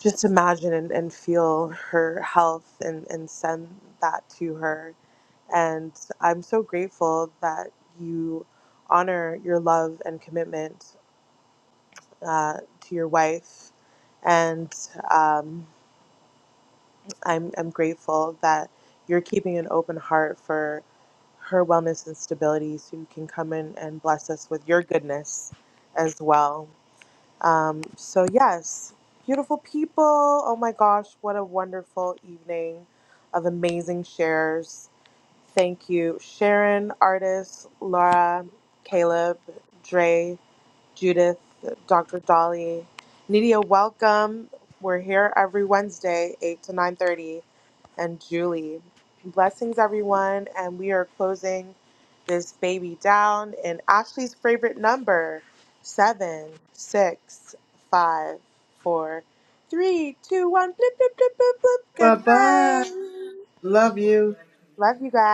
S1: just imagine and, and feel her health and, and send that to her. And I'm so grateful that you honor your love and commitment uh, to your wife. And um, I'm, I'm grateful that you're keeping an open heart for her wellness and stability so you can come in and bless us with your goodness as well. Um, so, yes, beautiful people. Oh my gosh, what a wonderful evening of amazing shares. Thank you, Sharon, Artist, Laura, Caleb, Dre, Judith, Dr. Dolly, Nidia. Welcome. We're here every Wednesday, eight to nine thirty and Julie. Blessings, everyone. And we are closing this baby down in Ashley's favorite number seven, six, five, four, three, two, one. Blip, blip, blip, blip, blip.
S10: Bye
S1: Good
S10: bye.
S1: night.
S10: Love you.
S1: Love you guys.